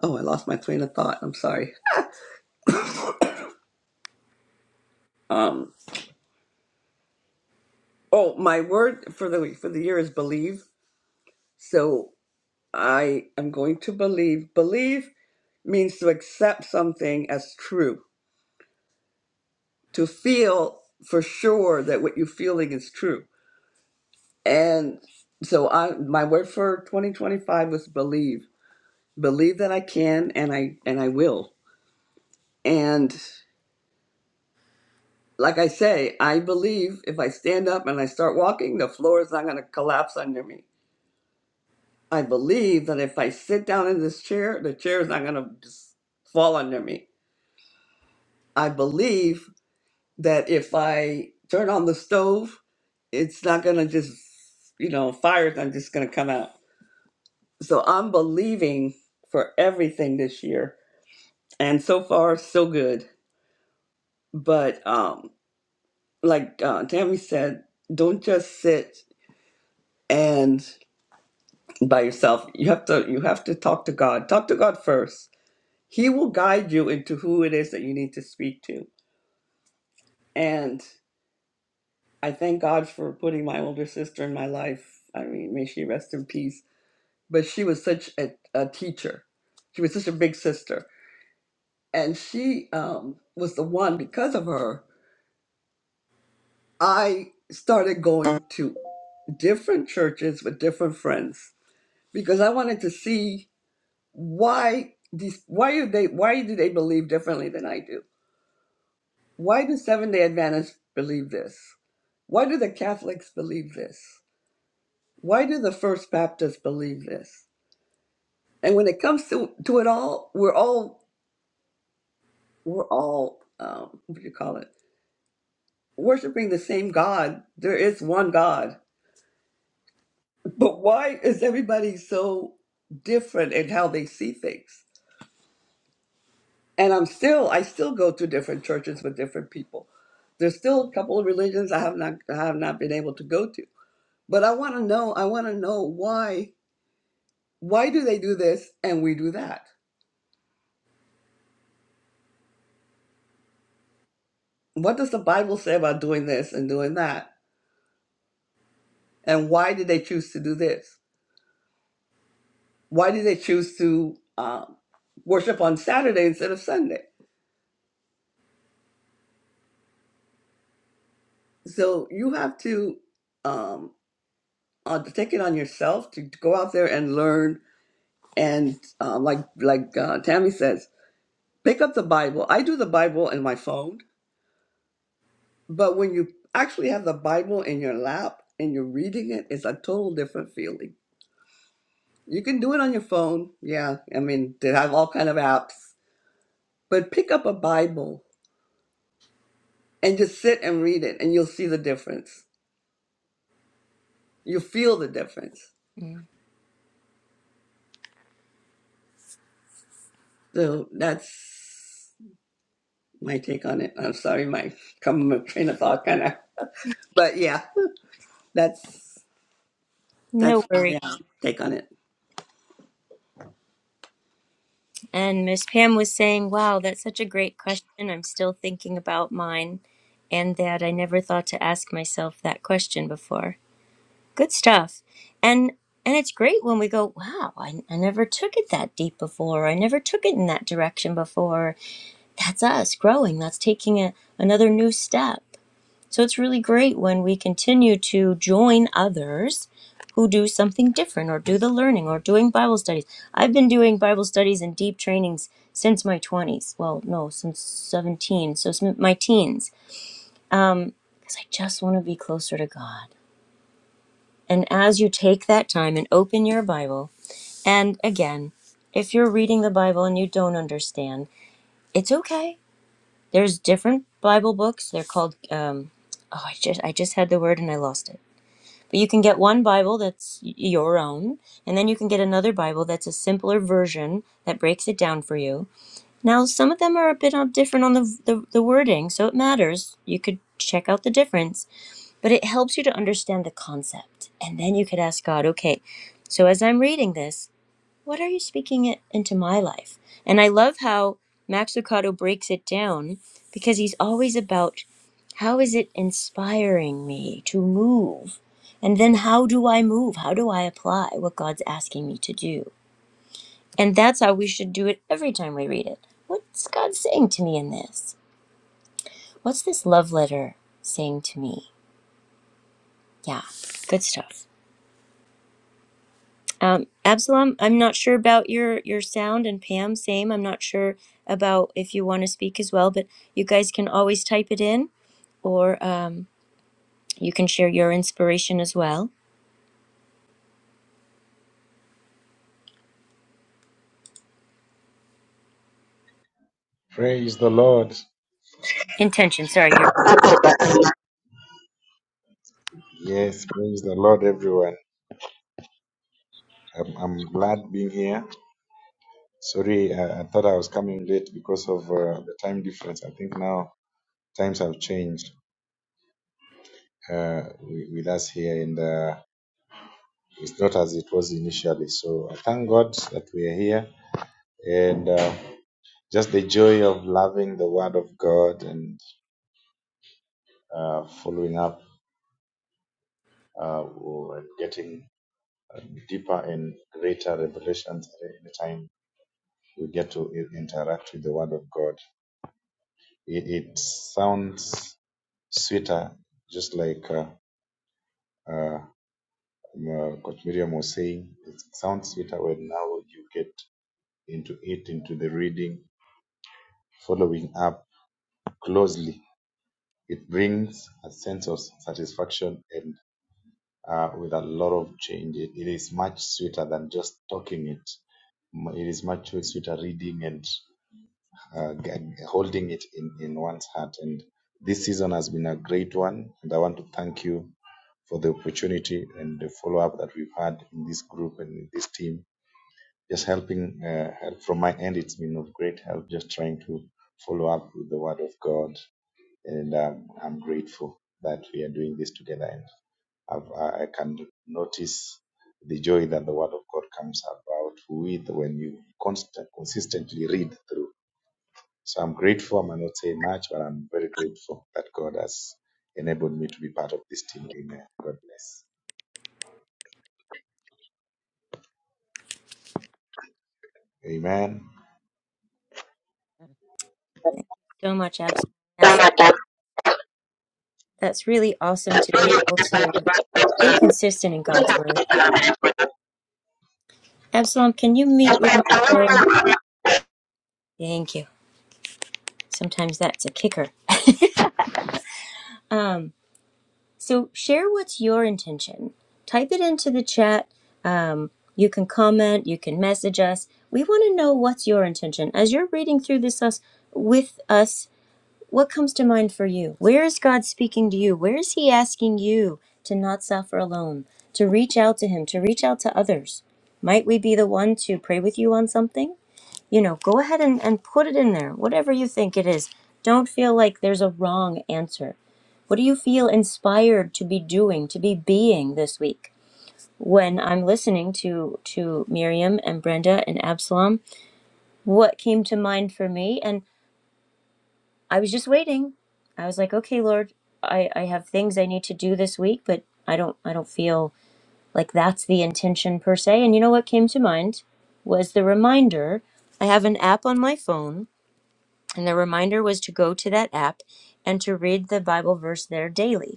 C: Oh, I lost my train of thought. I'm sorry. Um. Oh, my word for the for the year is believe. So I am going to believe. Believe means to accept something as true. To feel for sure that what you're feeling is true. And so I my word for 2025 was believe. Believe that I can and I and I will. And like I say, I believe if I stand up and I start walking, the floor is not going to collapse under me. I believe that if I sit down in this chair, the chair is not going to just fall under me. I believe that if I turn on the stove, it's not going to just, you know, fire's not just going to come out. So I'm believing for everything this year. And so far, so good. But um, like uh, Tammy said, don't just sit and by yourself. You have to you have to talk to God. Talk to God first. He will guide you into who it is that you need to speak to. And I thank God for putting my older sister in my life. I mean, may she rest in peace. But she was such a, a teacher. She was such a big sister. And she um, was the one, because of her, I started going to different churches with different friends because I wanted to see why these why do they why do they believe differently than I do? Why do Seventh Day Adventists believe this? Why do the Catholics believe this? Why do the First Baptists believe this? And when it comes to to it all, we're all we're all um, what do you call it? Worshiping the same God. There is one God, but why is everybody so different in how they see things? and I'm still I still go to different churches with different people. There's still a couple of religions I have not I have not been able to go to. But I want to know I want to know why why do they do this and we do that? What does the Bible say about doing this and doing that? And why did they choose to do this? Why did they choose to um, worship on Saturday instead of Sunday? So you have to um, uh, to take it on yourself to, to go out there and learn and um, like like uh, Tammy says Pick up the Bible. I do the Bible in my phone, but when you actually have the Bible in your lap and you're reading it, it's a total different feeling. You can do it on your phone. Yeah, I mean, they have all kind of apps, but pick up a Bible and just sit and read it and you'll see the difference. You feel the difference.
A: Mm,
C: So that's my take on it. I'm sorry, my come my train of thought kind of, but yeah, that's
A: No
C: that's my
A: worry.
C: uh, take on it.
A: And Miss Pam was saying, wow, that's such a great question. I'm still thinking about mine and that I never thought to ask myself that question before. good stuff and and it's great when we go wow I, I never took it that deep before i never took it in that direction before that's us growing that's taking a, another new step so it's really great when we continue to join others who do something different or do the learning or doing bible studies i've been doing bible studies and deep trainings since my 20s well no since 17 so it's my teens um because i just want to be closer to god and as you take that time and open your Bible, and again, if you're reading the Bible and you don't understand, it's okay. There's different Bible books. They're called. Um, oh, I just I just had the word and I lost it. But you can get one Bible that's y- your own, and then you can get another Bible that's a simpler version that breaks it down for you. Now, some of them are a bit uh, different on the, the the wording, so it matters. You could check out the difference but it helps you to understand the concept. And then you could ask God, okay, so as I'm reading this, what are you speaking it into my life? And I love how Max Lucado breaks it down because he's always about how is it inspiring me to move? And then how do I move? How do I apply what God's asking me to do? And that's how we should do it every time we read it. What's God saying to me in this? What's this love letter saying to me? Yeah, good stuff. Um, Absalom, I'm not sure about your your sound, and Pam, same. I'm not sure about if you want to speak as well, but you guys can always type it in, or um, you can share your inspiration as well.
D: Praise the Lord.
A: Intention. Sorry, you're
D: Yes, praise the Lord, everyone. I'm, I'm glad being here. Sorry, I, I thought I was coming late because of uh, the time difference. I think now times have changed uh, wi- with us here, and uh, it's not as it was initially. So I thank God that we are here, and uh, just the joy of loving the Word of God and uh, following up uh, and getting uh, deeper and greater revelations at any time we get to interact with the Word of God. It, it sounds sweeter, just like uh, uh, um, uh, Coach Miriam was saying. It sounds sweeter when now you get into it, into the reading, following up closely. It brings a sense of satisfaction and uh, with a lot of change. It, it is much sweeter than just talking it. It is much sweeter reading and uh, holding it in, in one's heart. And this season has been a great one. And I want to thank you for the opportunity and the follow up that we've had in this group and in this team. Just helping uh, help from my end, it's been of great help just trying to follow up with the Word of God. And um, I'm grateful that we are doing this together. And I've, I can notice the joy that the Word of God comes about with when you constant, consistently read through. So I'm grateful. I might not say much, but I'm very grateful that God has enabled me to be part of this team. Amen. God bless. Amen.
A: so much Absalom. That's that's really awesome to be able to stay consistent in God's word. Absalom, can you mute your mic, though? thank you. Sometimes that's a kicker. Um, So share what's your intention. Type it into the chat. Um, you can comment. You can message us. We want to know what's your intention as you're reading through this us with us. What comes to mind for you? Where is God speaking to you? Where is He asking you to not suffer alone? To reach out to Him. To reach out to others. Might we be the one to pray with you on something? You know, go ahead and, and put it in there. Whatever you think it is. Don't feel like there's a wrong answer what do you feel inspired to be doing, to be being this week? When I'm listening to to Miriam and Brenda and Absalom, what came to mind for me? And I was just waiting. I was like, okay, Lord, I, I have things I need to do this week, but I don't I don't feel like that's the intention per se. And you know what came to mind was the reminder. I have an app on my phone, and the reminder was to go to that app and to read the Bible verse there daily.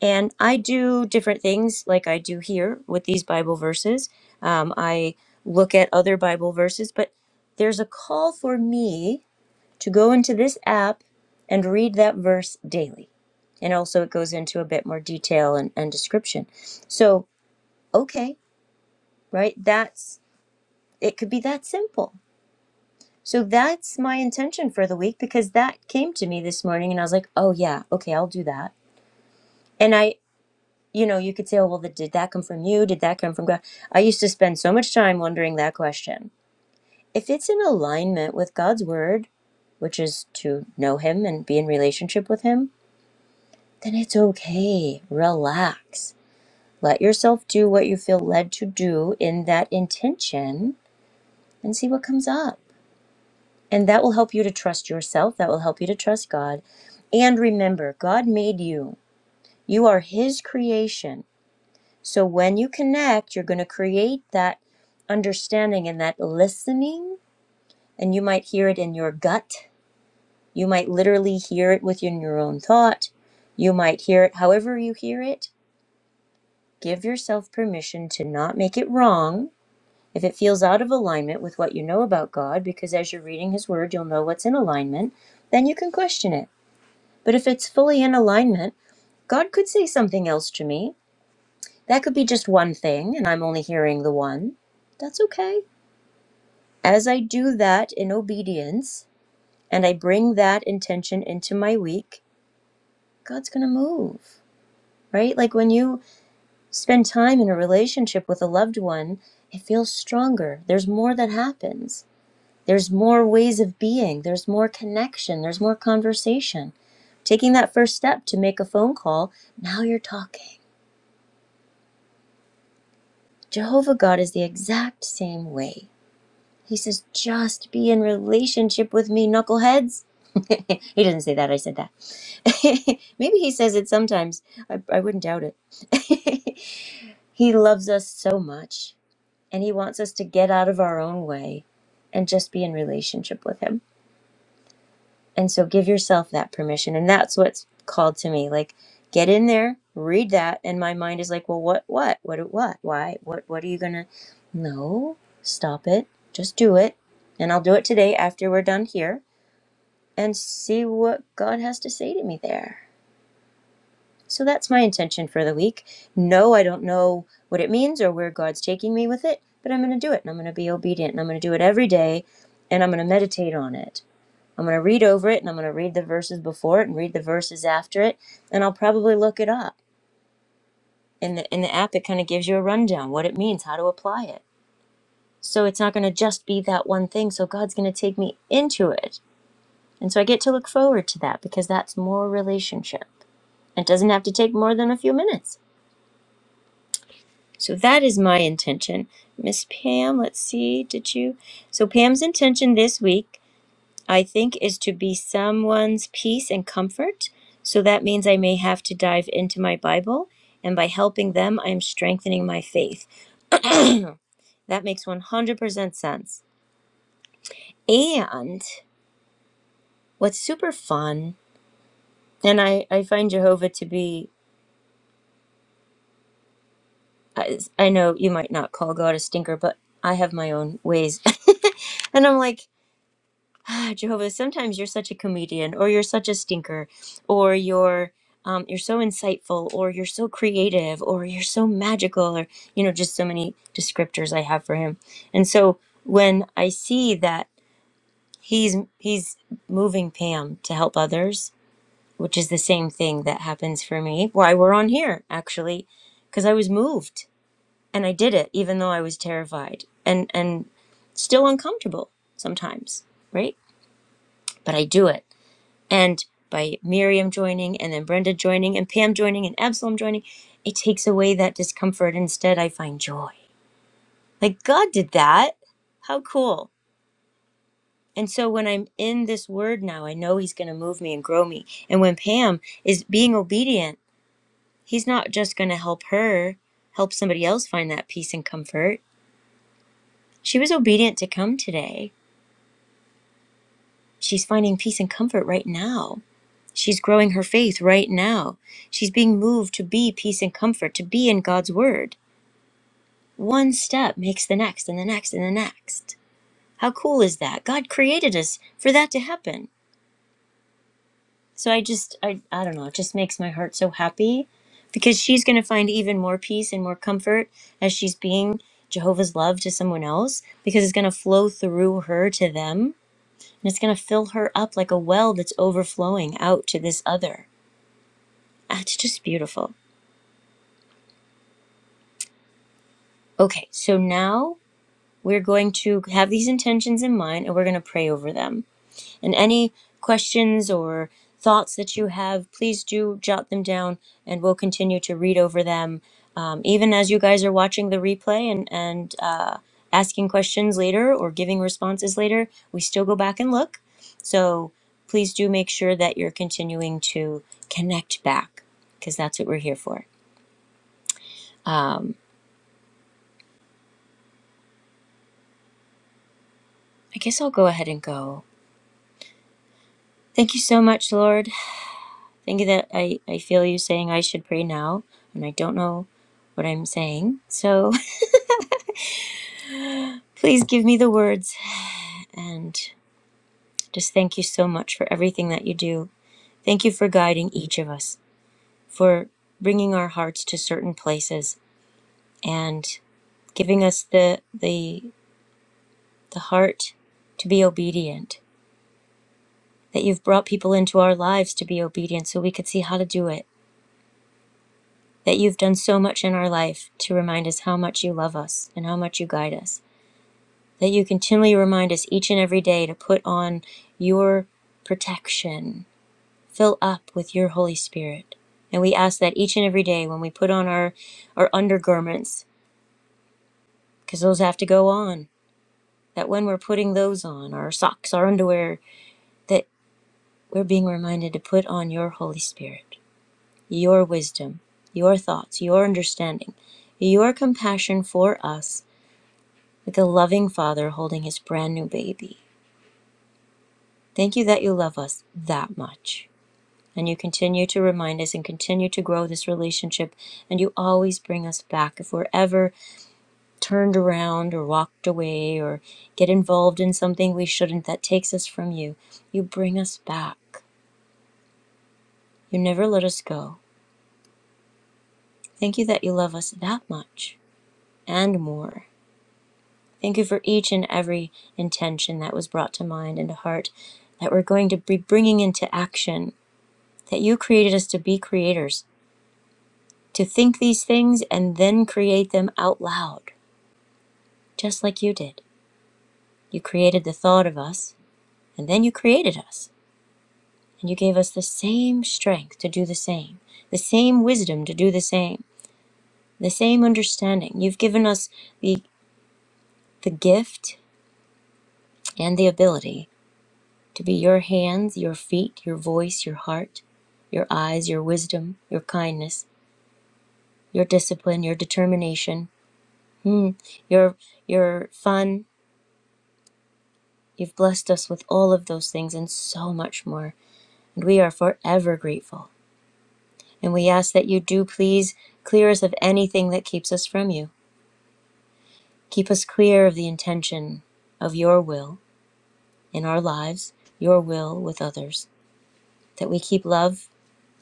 A: And I do different things like I do here with these Bible verses. Um, I look at other Bible verses, but there's a call for me to go into this app and read that verse daily. And also, it goes into a bit more detail and, and description. So, okay, right? That's it, could be that simple. So, that's my intention for the week because that came to me this morning, and I was like, oh, yeah, okay, I'll do that. And I. you know, you could say, oh, well, did that come from you? Did that come from God? I used to spend so much time wondering that question. If it's in alignment with God's word, which is to know Him and be in relationship with Him, then it's okay. Relax. Let yourself do what you feel led to do in that intention and see what comes up. And that will help you to trust yourself. That will help you to trust God. And remember, God made you. You are His creation. So when you connect, you're going to create that understanding and that listening. And you might hear it in your gut. You might literally hear it within your own thought. You might hear it however you hear it. Give yourself permission to not make it wrong if it feels out of alignment with what you know about God, because as you're reading His Word, you'll know what's in alignment. Then you can question it. But if it's fully in alignment, God could say something else to me. That could be just one thing, and I'm only hearing the one. That's okay As I do that in obedience and I bring that intention into my week, God's going to move, right? Like when you spend time in a relationship with a loved one, it feels stronger. There's more that happens. There's more ways of being. There's more connection. There's more conversation. Taking that first step to make a phone call, now you're talking. Jehovah God is the exact same way. He says, just be in relationship with me, knuckleheads. he does not say that, I said that Maybe he says it sometimes. I, I wouldn't doubt it. he loves us so much, and he wants us to get out of our own way and just be in relationship with him. And so give yourself that permission. And that's what's called to me. Like, get in there, read that. And my mind is like, well, what, what, what, what, why, what, what are you going to? No, stop it. Just do it. And I'll do it today after we're done here and see what God has to say to me there. So that's my intention for the week. No, I don't know what it means or where God's taking me with it, but I'm going to do it and I'm going to be obedient and I'm going to do it every day and I'm going to meditate on it. I'm going to read over it and I'm going to read the verses before it and read the verses after it and I'll probably look it up. In the in the app it kind of gives you a rundown what it means, how to apply it. So it's not going to just be that one thing, so God's going to take me into it. And so I get to look forward to that because that's more relationship. It doesn't have to take more than a few minutes. So that is my intention. Miss Pam, let's see, did you? So Pam's intention this week, I think, is to be someone's peace and comfort. So that means I may have to dive into my Bible, and by helping them, I'm strengthening my faith. That makes 100% sense. And what's super fun, and I, I find Jehovah to be, I I know you might not call God a stinker, but I have my own ways. and I'm like, ah, Jehovah, sometimes you're such a comedian, or you're such a stinker, or you're um, you're so insightful, or you're so creative, or you're so magical, or you know, just so many descriptors I have for him. And so when I see that he's he's moving Pam to help others, which is the same thing that happens for me. Why we're on here actually, because I was moved and I did it, even though I was terrified and and still uncomfortable sometimes, right? But I do it and by Miriam joining, and then Brenda joining, and Pam joining, and Absalom joining, it takes away that discomfort. Instead, I find joy. Like, God did that. How cool. And so when I'm in this word now, I know He's going to move me and grow me. And when Pam is being obedient, He's not just going to help her help somebody else find that peace and comfort. She was obedient to come today. She's finding peace and comfort right now. She's growing her faith right now. She's being moved to be peace and comfort, to be in God's word. One step makes the next and the next and the next. How cool is that? God created us for that to happen. So I just I I don't know, it just makes my heart so happy because she's going to find even more peace and more comfort as she's being Jehovah's love to someone else because it's going to flow through her to them and it's going to fill her up like a well that's overflowing out to this other. Ah, It's just beautiful. Okay, so now we're going to have these intentions in mind and we're going to pray over them. And any questions or thoughts that you have, please do jot them down and we'll continue to read over them um, even as you guys are watching the replay and, and uh, asking questions later or giving responses later. We still go back and look. So please do make sure that you're continuing to connect back because that's what we're here for. Um, I guess I'll go ahead and go. Thank you so much, Lord. Thank you that I, I feel you saying I should pray now, and I don't know what I'm saying. So please give me the words. And just thank you so much for everything that you do. Thank you for guiding each of us, for bringing our hearts to certain places, and giving us the, the, the heart to be obedient. That you've brought people into our lives to be obedient so we could see how to do it. That you've done so much in our life to remind us how much you love us and how much you guide us. that you continually remind us each and every day to put on your protection, fill up with your Holy Spirit. And we ask that each and every day when we put on our, our undergarments, because those have to go on, that when we're putting those on, our socks, our underwear, that we're being reminded to put on your Holy Spirit, your wisdom, your thoughts, your understanding, your compassion for us, like a loving father holding his brand new baby. Thank you that you love us that much. And you continue to remind us and continue to grow this relationship. And you always bring us back. If we're ever turned around or walked away or get involved in something we shouldn't that takes us from you, you bring us back. You never let us go. Thank you that you love us that much and more. Thank you for each and every intention that was brought to mind and to heart that we're going to be bringing into action, that you created us to be creators, to think these things and then create them out loud. just like you did. You created the thought of us, and then you created us. And you gave us the same strength to do the same, the same wisdom to do the same, the same understanding. You've given us the, the gift and the ability to be your hands, your feet, your voice, your heart, your eyes, your wisdom, your kindness, your discipline, your determination, hmm, your, your fun. You've blessed us with all of those things and so much more. And we are forever grateful. And we ask that you do please clear us of anything that keeps us from you. Keep us clear of the intention of your will in our lives, your will with others, that we keep love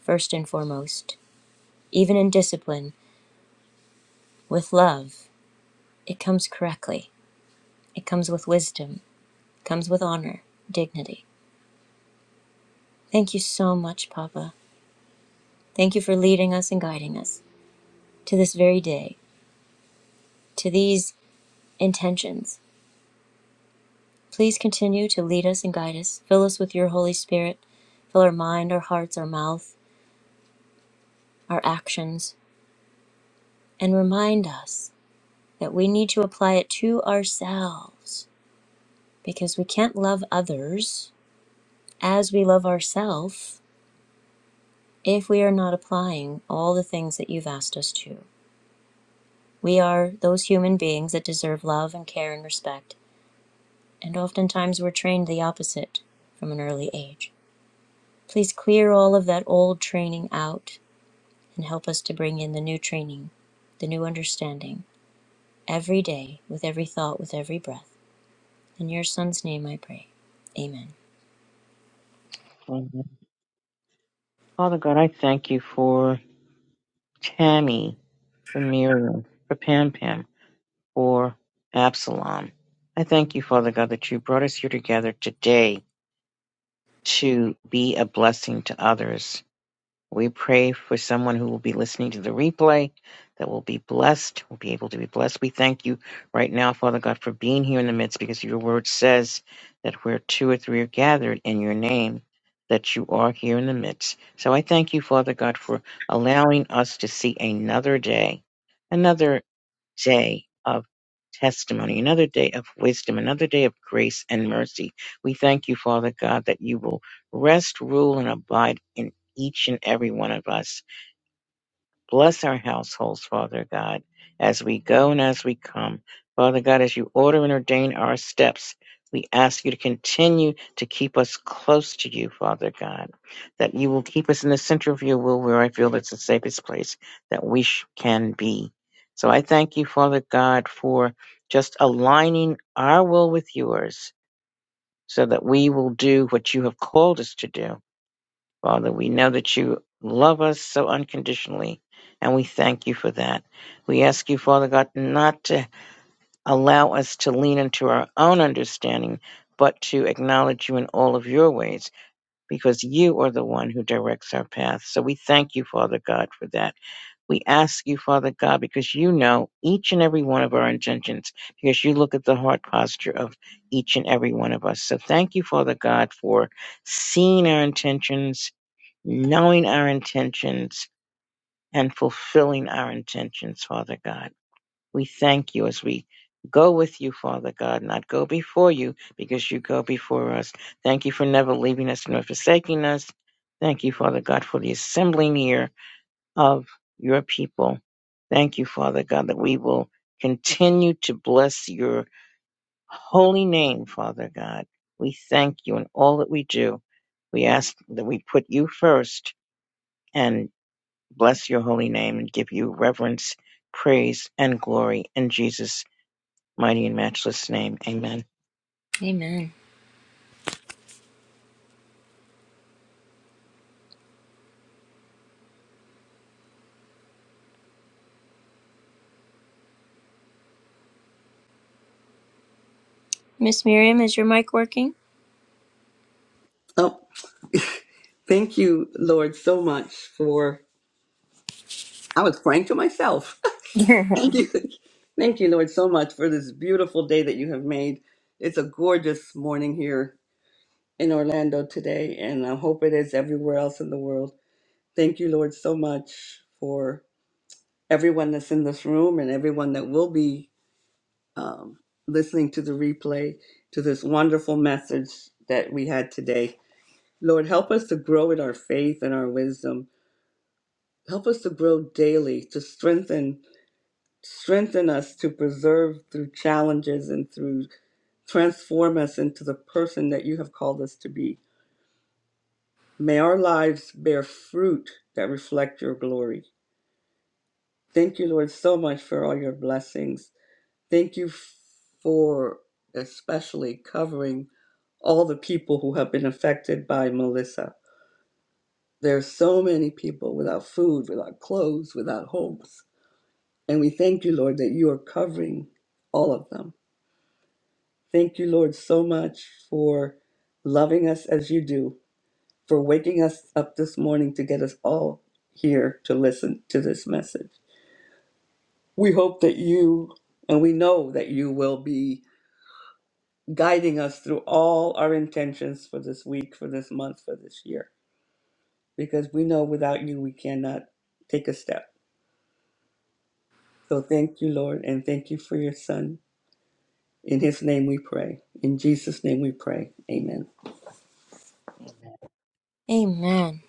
A: first and foremost. Even in discipline, with love, it comes correctly, it comes with wisdom, it comes with honor, dignity. Thank you so much, Papa. Thank you for leading us and guiding us to this very day, to these intentions Please continue to lead us and guide us. Fill us with your Holy Spirit. Fill our mind, our hearts, our mouth, our actions, and remind us that we need to apply it to ourselves because we can't love others as we love ourselves if we are not applying all the things that you've asked us to. We are those human beings that deserve love and care and respect, and oftentimes we're trained the opposite from an early age. Please clear all of that old training out and help us to bring in the new training, the new understanding, every day, with every thought, with every breath. In your son's name I pray. Amen.
B: Father God, I thank you for Tammy, for Miriam, for Pam Pam, for Absalom. I thank you, Father God, that you brought us here together today to be a blessing to others We pray for someone who will be listening to the replay that will be blessed, will be able to be blessed. We thank you right now, Father God, for being here in the midst because your word says that where two or three are gathered in your name, that you are here in the midst. So I thank you, Father God, for allowing us to see another day, another day of testimony, another day of wisdom, another day of grace and mercy. We thank you, Father God, that you will rest, rule, and abide in each and every one of us. Bless our households, Father God, as we go and as we come. Father God, as you order and ordain our steps, we ask you to continue to keep us close to you, Father God, that you will keep us in the center of your will where I feel it's the safest place that we sh- can be. So I thank you, Father God, for just aligning our will with yours so that we will do what you have called us to do Father, we know that you love us so unconditionally, and we thank you for that. We ask you, Father God, not to allow us to lean into our own understanding, but to acknowledge you in all of your ways, because you are the one who directs our path. So we thank you, Father God, for that. We ask you, Father God, because you know each and every one of our intentions, because you look at the heart posture of each and every one of us. So thank you, Father God, for seeing our intentions knowing our intentions and fulfilling our intentions, Father God. We thank you as we go with you, Father God, not go before you because you go before us. Thank you for never leaving us nor forsaking us. Thank you, Father God, for the assembling here of your people. Thank you, Father God, that we will continue to bless your holy name, Father God. We thank you in all that we do. We ask that we put you first and bless your holy name and give you reverence, praise, and glory in Jesus' mighty and matchless name. Amen.
A: Amen. Miss Miriam, is your mic working?
C: Oh. Thank you, Lord, so much for. I was praying to myself. Thank you. Thank you, Lord, so much for this beautiful day that you have made. It's a gorgeous morning here in Orlando today, and I hope it is everywhere else in the world. Thank you, Lord, so much for everyone that's in this room and everyone that will be um, listening to the replay to this wonderful message that we had today. Lord, help us to grow in our faith and our wisdom Help us to grow daily, to strengthen, strengthen us to preserve through challenges and through transform us into the person that you have called us to be. May our lives bear fruit that reflect your glory. Thank you, Lord, so much for all your blessings. Thank you for especially covering all the people who have been affected by Melissa. There are so many people without food, without clothes, without homes. And we thank you, Lord, that you are covering all of them. Thank you, Lord, so much for loving us as you do, for waking us up this morning to get us all here to listen to this message. We hope that you, and we know that you will be guiding us through all our intentions for this week, for this month, for this year, because we know without you we cannot take a step. So thank you, Lord, and thank you for your son, In his name we pray. In Jesus' name we pray. Amen.
A: Amen.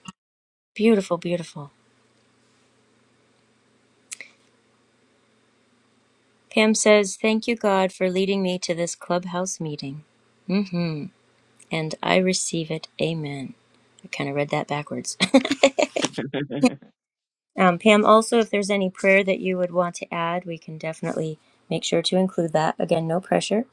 A: Beautiful, beautiful. Pam says, Thank you, God, for leading me to this clubhouse meeting. mm hmm And I receive it. Amen. I kind of read that backwards.
B: Amen.
A: um, Pam, also, if there's any prayer that you would want to add, we can definitely make sure to include that. Again, no pressure.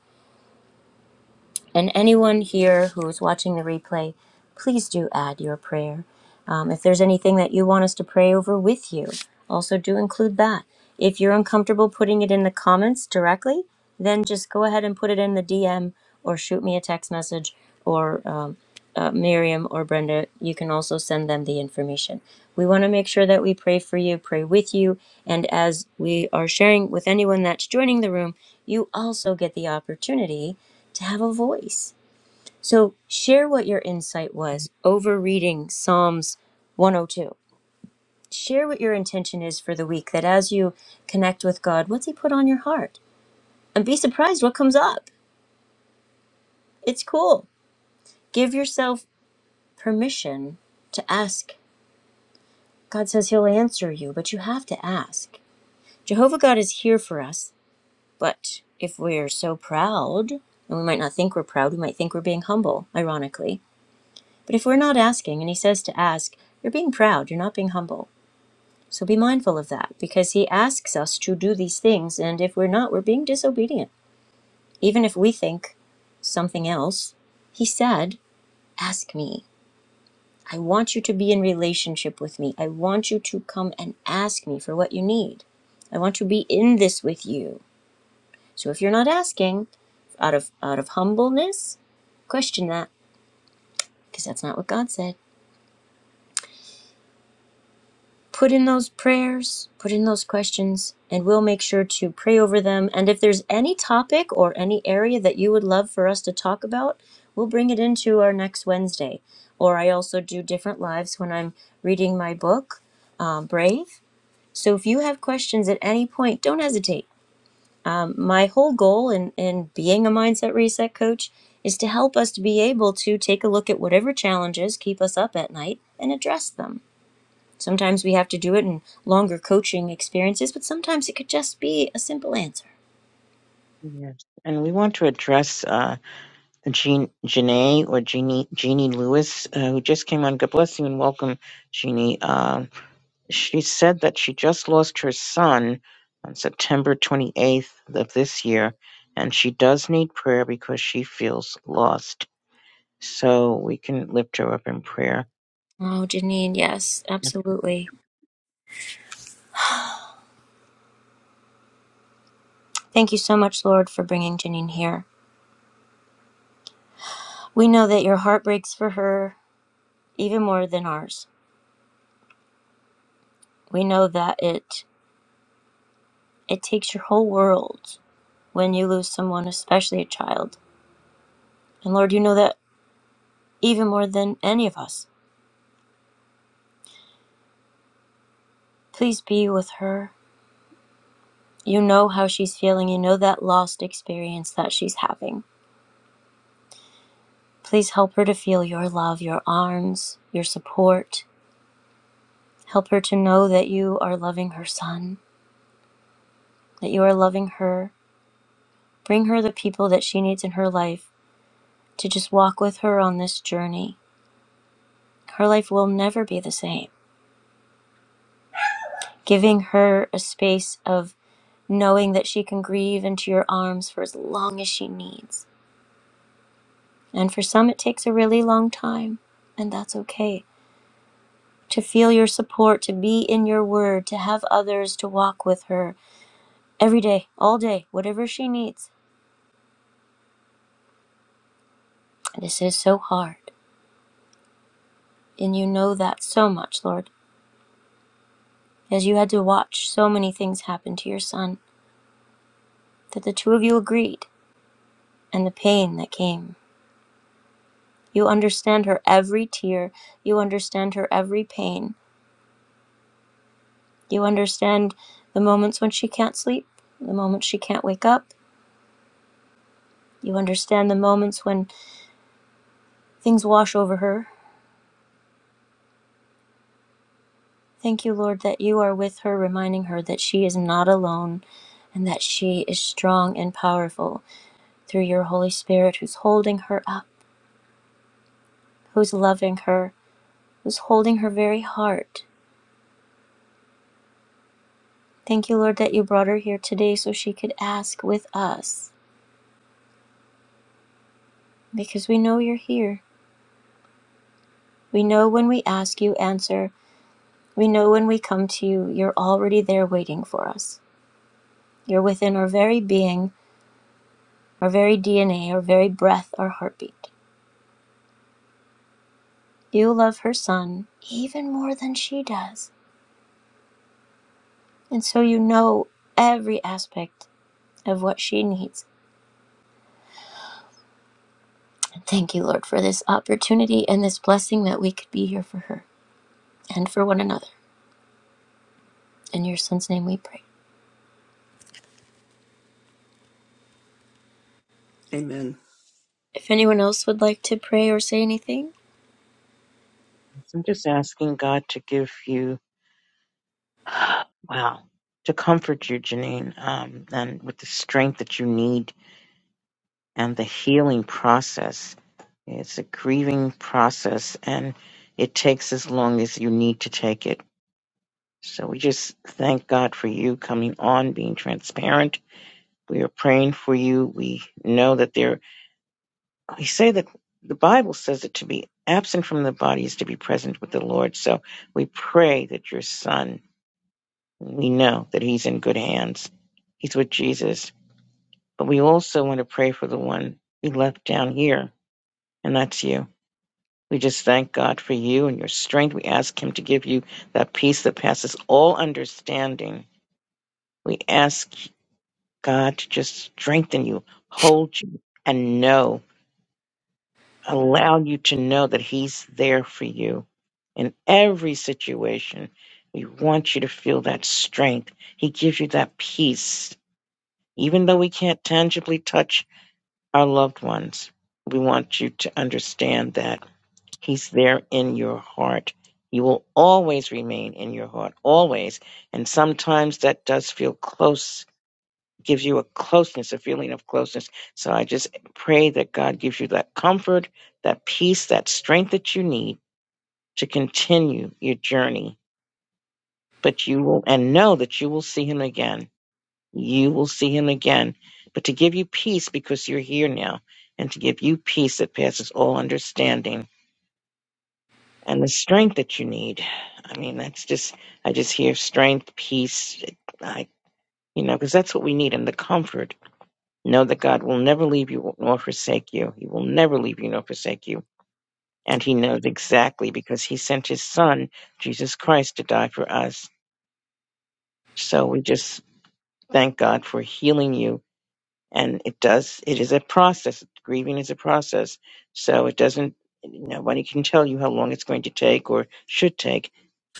A: And anyone here who is watching the replay, please do add your prayer. Um, if there's anything that you want us to pray over with you, also do include that. If you're uncomfortable putting it in the comments directly, then just go ahead and put it in the DM or shoot me a text message. Or um, uh, Miriam or Brenda, you can also send them the information. We want to make sure that we pray for you, pray with you, and as we are sharing with anyone that's joining the room, you also get the opportunity to have a voice. So share what your insight was over reading Psalms 102. Share what your intention is for the week, that as you connect with God, what's He put on your heart? And be surprised what comes up. It's cool. Give yourself permission to ask God says He'll answer you, but you have to ask. Jehovah God is here for us, but if we're so proud, and we might not think we're proud, we might think we're being humble, ironically. But if we're not asking, and He says to ask, you're being proud, you're not being humble. So be mindful of that, because He asks us to do these things, and if we're not, we're being disobedient. Even if we think something else, He said, Ask me. I want you to be in relationship with me. I want you to come and ask me for what you need. I want to be in this with you. So if you're not asking out of out of humbleness, question that because that's not what God said. Put in those prayers, put in those questions, and we'll make sure to pray over them. And if there's any topic or any area that you would love for us to talk about, we'll bring it into our next Wednesday. Or I also do different lives when I'm reading my book, um, Brave. So if you have questions at any point, don't hesitate. Um, my whole goal in, in being a mindset reset coach is to help us to be able to take a look at whatever challenges keep us up at night and address them. Sometimes we have to do it in longer coaching experiences, but sometimes it could just be a simple answer.
B: Yes. And we want to address uh, Jean, Janae or Jeannie, Jeannie Lewis, uh, who just came on. God bless you and welcome, Jeannie. Um she said that she just lost her son on September 28th of this year, and she does need prayer because she feels lost. So we can lift her up in prayer.
A: Oh, Janine, yes, absolutely. Thank you so much, Lord, for bringing Janine here. We know that your heart breaks for her even more than ours. We know that it it takes your whole world when you lose someone, especially a child. And Lord, you know that even more than any of us. Please be with her. You know how she's feeling. You know that lost experience that she's having. Please help her to feel your love, your arms, your support. Help her to know that you are loving her son, that you are loving her. Bring her the people that she needs in her life to just walk with her on this journey. Her life will never be the same. Giving her a space of knowing that she can grieve into your arms for as long as she needs. And for some, it takes a really long time, and that's okay. To feel your support, to be in your word, to have others to walk with her every day, all day, whatever she needs. This is so hard, and you know that so much, Lord, as you had to watch so many things happen to your son, that the two of you agreed, and the pain that came. You understand her every tear, you understand her every pain, You understand the moments when she can't sleep, the moments she can't wake up. You understand the moments when things wash over her. Thank you, Lord, that you are with her, reminding her that she is not alone and that she is strong and powerful through your Holy Spirit who's holding her up, who's loving her, who's holding her very heart. Thank you, Lord, that you brought her here today so she could ask with us because we know you're here. We know when we ask, you answer. We know when we come to you, you're already there waiting for us. You're within our very being, our very DNA, our very breath, our heartbeat. You love her son even more than she does. And so you know every aspect of what she needs. And thank you, Lord, for this opportunity and this blessing that we could be here for her and for one another. In your son's name we pray.
C: Amen.
A: If anyone else would like to pray or say anything,
B: So I'm just asking God to give you, wow, to comfort you, Janine, um, and with the strength that you need and the healing process. It's a grieving process and it takes as long as you need to take it. So we just thank God for you coming on, being transparent. We are praying for you. We know that there, we say that the Bible says that to be absent from the body is to be present with the Lord. So we pray that your son We know that he's in good hands. He's with Jesus. But we also want to pray for the one we left down here, and that's you. We just thank God for you and your strength. We ask Him to give you that peace that passes all understanding. We ask God to just strengthen you, hold you, and know, allow you to know that He's there for you in every situation. We want you to feel that strength. He gives you that peace Even though we can't tangibly touch our loved ones, we want you to understand that He's there in your heart. He will always remain in your heart, always. And sometimes that does feel close, gives you a closeness, a feeling of closeness. So I just pray that God gives you that comfort, that peace, that strength that you need to continue your journey. But you will, and know that you will see Him again You will see him again, but to give you peace because you're here now, and to give you peace that passes all understanding and the strength that you need. I mean, that's just, I just hear strength, peace, I, you know, because that's what we need and the comfort. Know that God will never leave you nor forsake you. He will never leave you nor forsake you. And he knows exactly because he sent his son, Jesus Christ, to die for us. So we just thank God for healing you and it does it is a process grieving is a process so it doesn't nobody can tell you how long it's going to take or should take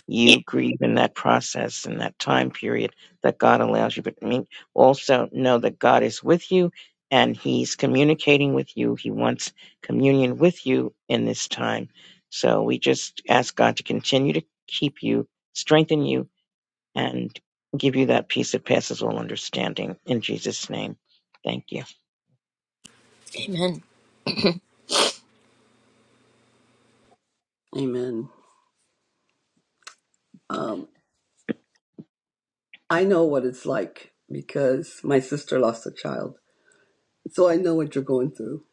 B: you grieve in that process in that time period that god allows you but i mean also know that god is with you and he's communicating with you he wants communion with you in this time so we just ask god to continue to keep you strengthen you and give you that peace that passes all understanding in jesus name thank you
A: amen.
C: Amen. Um, I know what it's like because my sister lost a child. So I know what you're going through,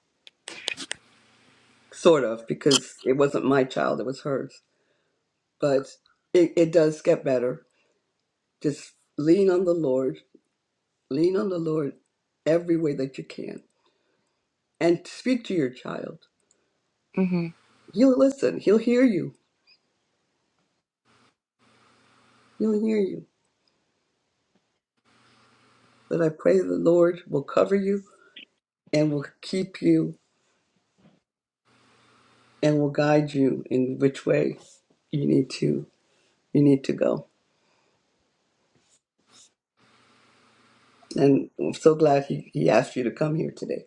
C: sort of, because it wasn't my child, it was hers. But it, it does get better. Just lean on the Lord, lean on the Lord every way that you can, and speak to your child.
A: hmm
C: He'll listen, he'll hear you, he'll hear you. But I pray the Lord will cover you and will keep you and will guide you in which way you need to you need to go. And I'm so glad he, he asked you to come here today.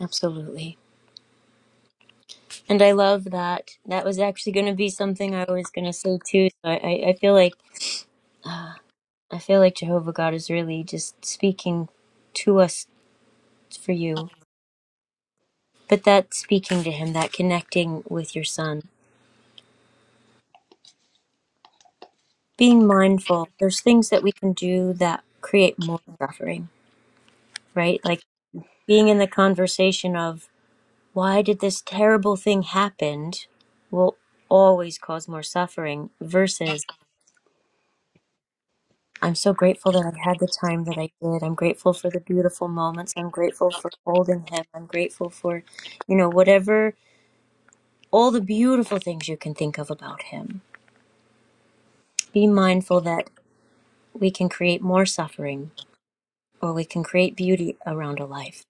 A: Absolutely. And I love that. That was actually going to be something I was going to say too. So I, I I feel like I feel like Jehovah God is really just speaking to us for you. But that speaking to Him, that connecting with your Son, being mindful. There's things that we can do that create more suffering, right? Like being in the conversation of why did this terrible thing happen will always cause more suffering. Versus I'm so grateful that I had the time that I did. I'm grateful for the beautiful moments. I'm grateful for holding him. I'm grateful for, you know, whatever, all the beautiful things you can think of about him. Be mindful that we can create more suffering or we can create beauty around a life.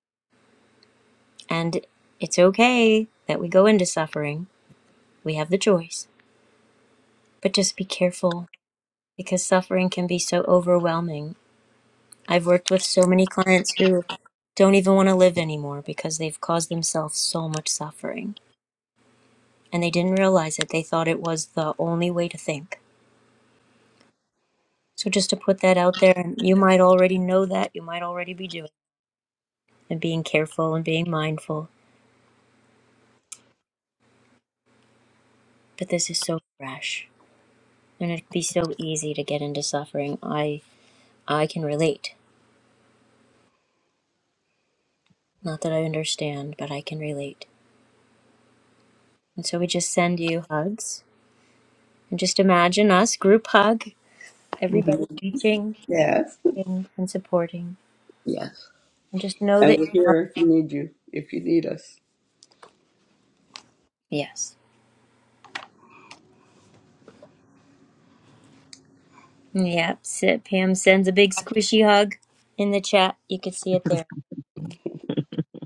A: And it's okay that we go into suffering. We have the choice. But just be careful because suffering can be so overwhelming I've worked with so many clients who don't even want to live anymore because they've caused themselves so much suffering and they didn't realize it. They thought it was the only way to think. So, just to put that out there, and you might already know that, you might already be doing it, and being careful and being mindful, but this is so fresh and it'd be so easy to get into suffering. I, I can relate. Not that I understand, but I can relate. And so, we just send you hugs and just imagine us group hug,
C: hmm
A: everybody reaching
C: Yes.
A: and supporting.
C: Yes.
A: And just know
C: And
A: that
C: we're here if you need you, if you need us.
A: yes. Yep. so Pam sends a big squishy hug in the chat. You can see it there.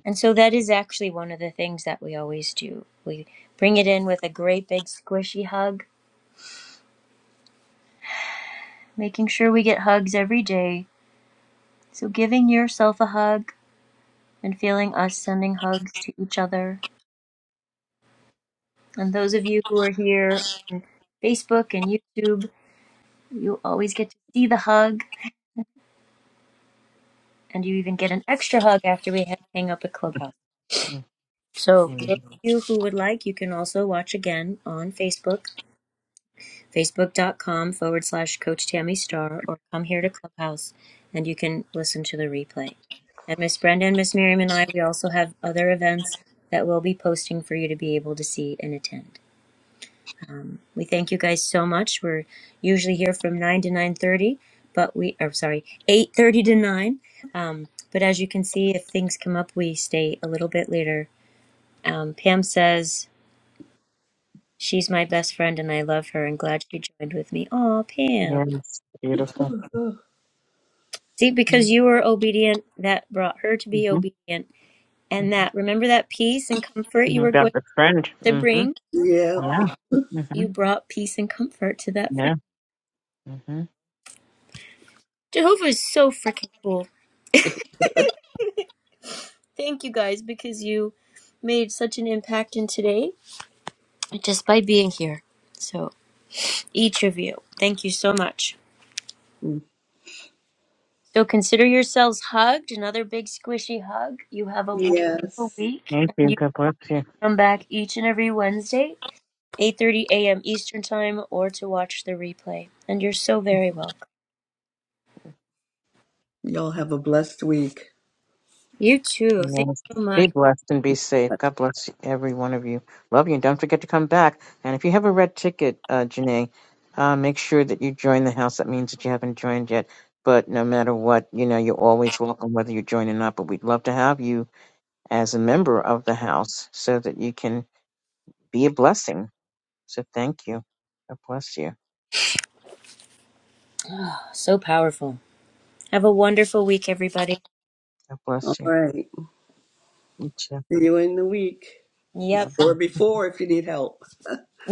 A: And so that is actually one of the things that we always do. We bring it in with a great big squishy hug, making sure we get hugs every day. So giving yourself a hug and feeling us sending hugs to each other. And those of you who are here on Facebook and YouTube, you always get to see the hug and you even get an extra hug after we ha- hang up at Clubhouse.
B: Mm,
A: So those of
B: mm.
A: you who would like, you can also watch again on Facebook, facebook.com forward slash Coach Tammy Star, or come here to Clubhouse and you can listen to the replay. And Miss Brenda and Miss Miriam and I, we also have other events that we'll be posting for you to be able to see and attend. Um, we thank you guys so much. We're usually here from 9 to 9.30, but we, are sorry, 8.30 to 9. Um, but as you can see, if things come up, we stay a little bit later. Um, Pam says She's my best friend and I love her and glad she joined with me. Aw, Pam.
B: Yes, beautiful.
C: Oh,
A: See, because you were obedient, that brought her to be
B: Mm-hmm.
A: obedient. And that,
B: Mm-hmm.
A: remember that peace and comfort you were going
B: About the friend.
A: to
B: Mm-hmm.
A: bring?
C: Yeah.
B: Yeah. Mm-hmm.
A: You brought peace and comfort to that friend.
B: Yeah. Mm-hmm.
A: Jehovah is so freaking cool. Thank you guys because you made such an impact in today just by being here. So, each of you, thank you so much.
C: Mm.
A: So, consider yourselves hugged, another big squishy hug. You have a wonderful
C: Yes.
A: week
B: Thank
A: and
B: you.
A: you.
B: God bless you.
A: Come back each and every Wednesday, 8:30 a.m. Eastern Time, or to watch the replay. And you're so very welcome.
C: Y'all have a blessed week.
A: You too. Thank
B: Yes.
A: you so
B: Be
A: much.
B: blessed and be safe. God bless every one of you. Love you. And don't forget to come back. And if you have a red ticket, uh, Janae, uh, make sure that you join the house. That means that you haven't joined yet. But no matter what, you know, you're always welcome whether you join or not. But we'd love to have you as a member of the house so that you can be a blessing. So thank you. God bless you.
A: So powerful. Have a wonderful week, everybody.
B: God
C: All
B: bless you.
C: right.
B: You too.
C: See you in the week.
A: Yep.
B: Yeah.
C: Or before if you need help.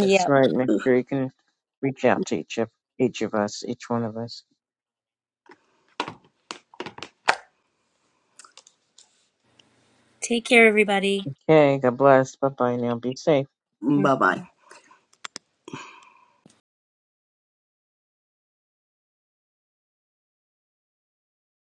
B: That's right. Make sure you can reach out to each of each of us, each one of us.
A: Take care, everybody.
B: Okay, God bless. Bye bye now. Be safe.
C: Bye bye.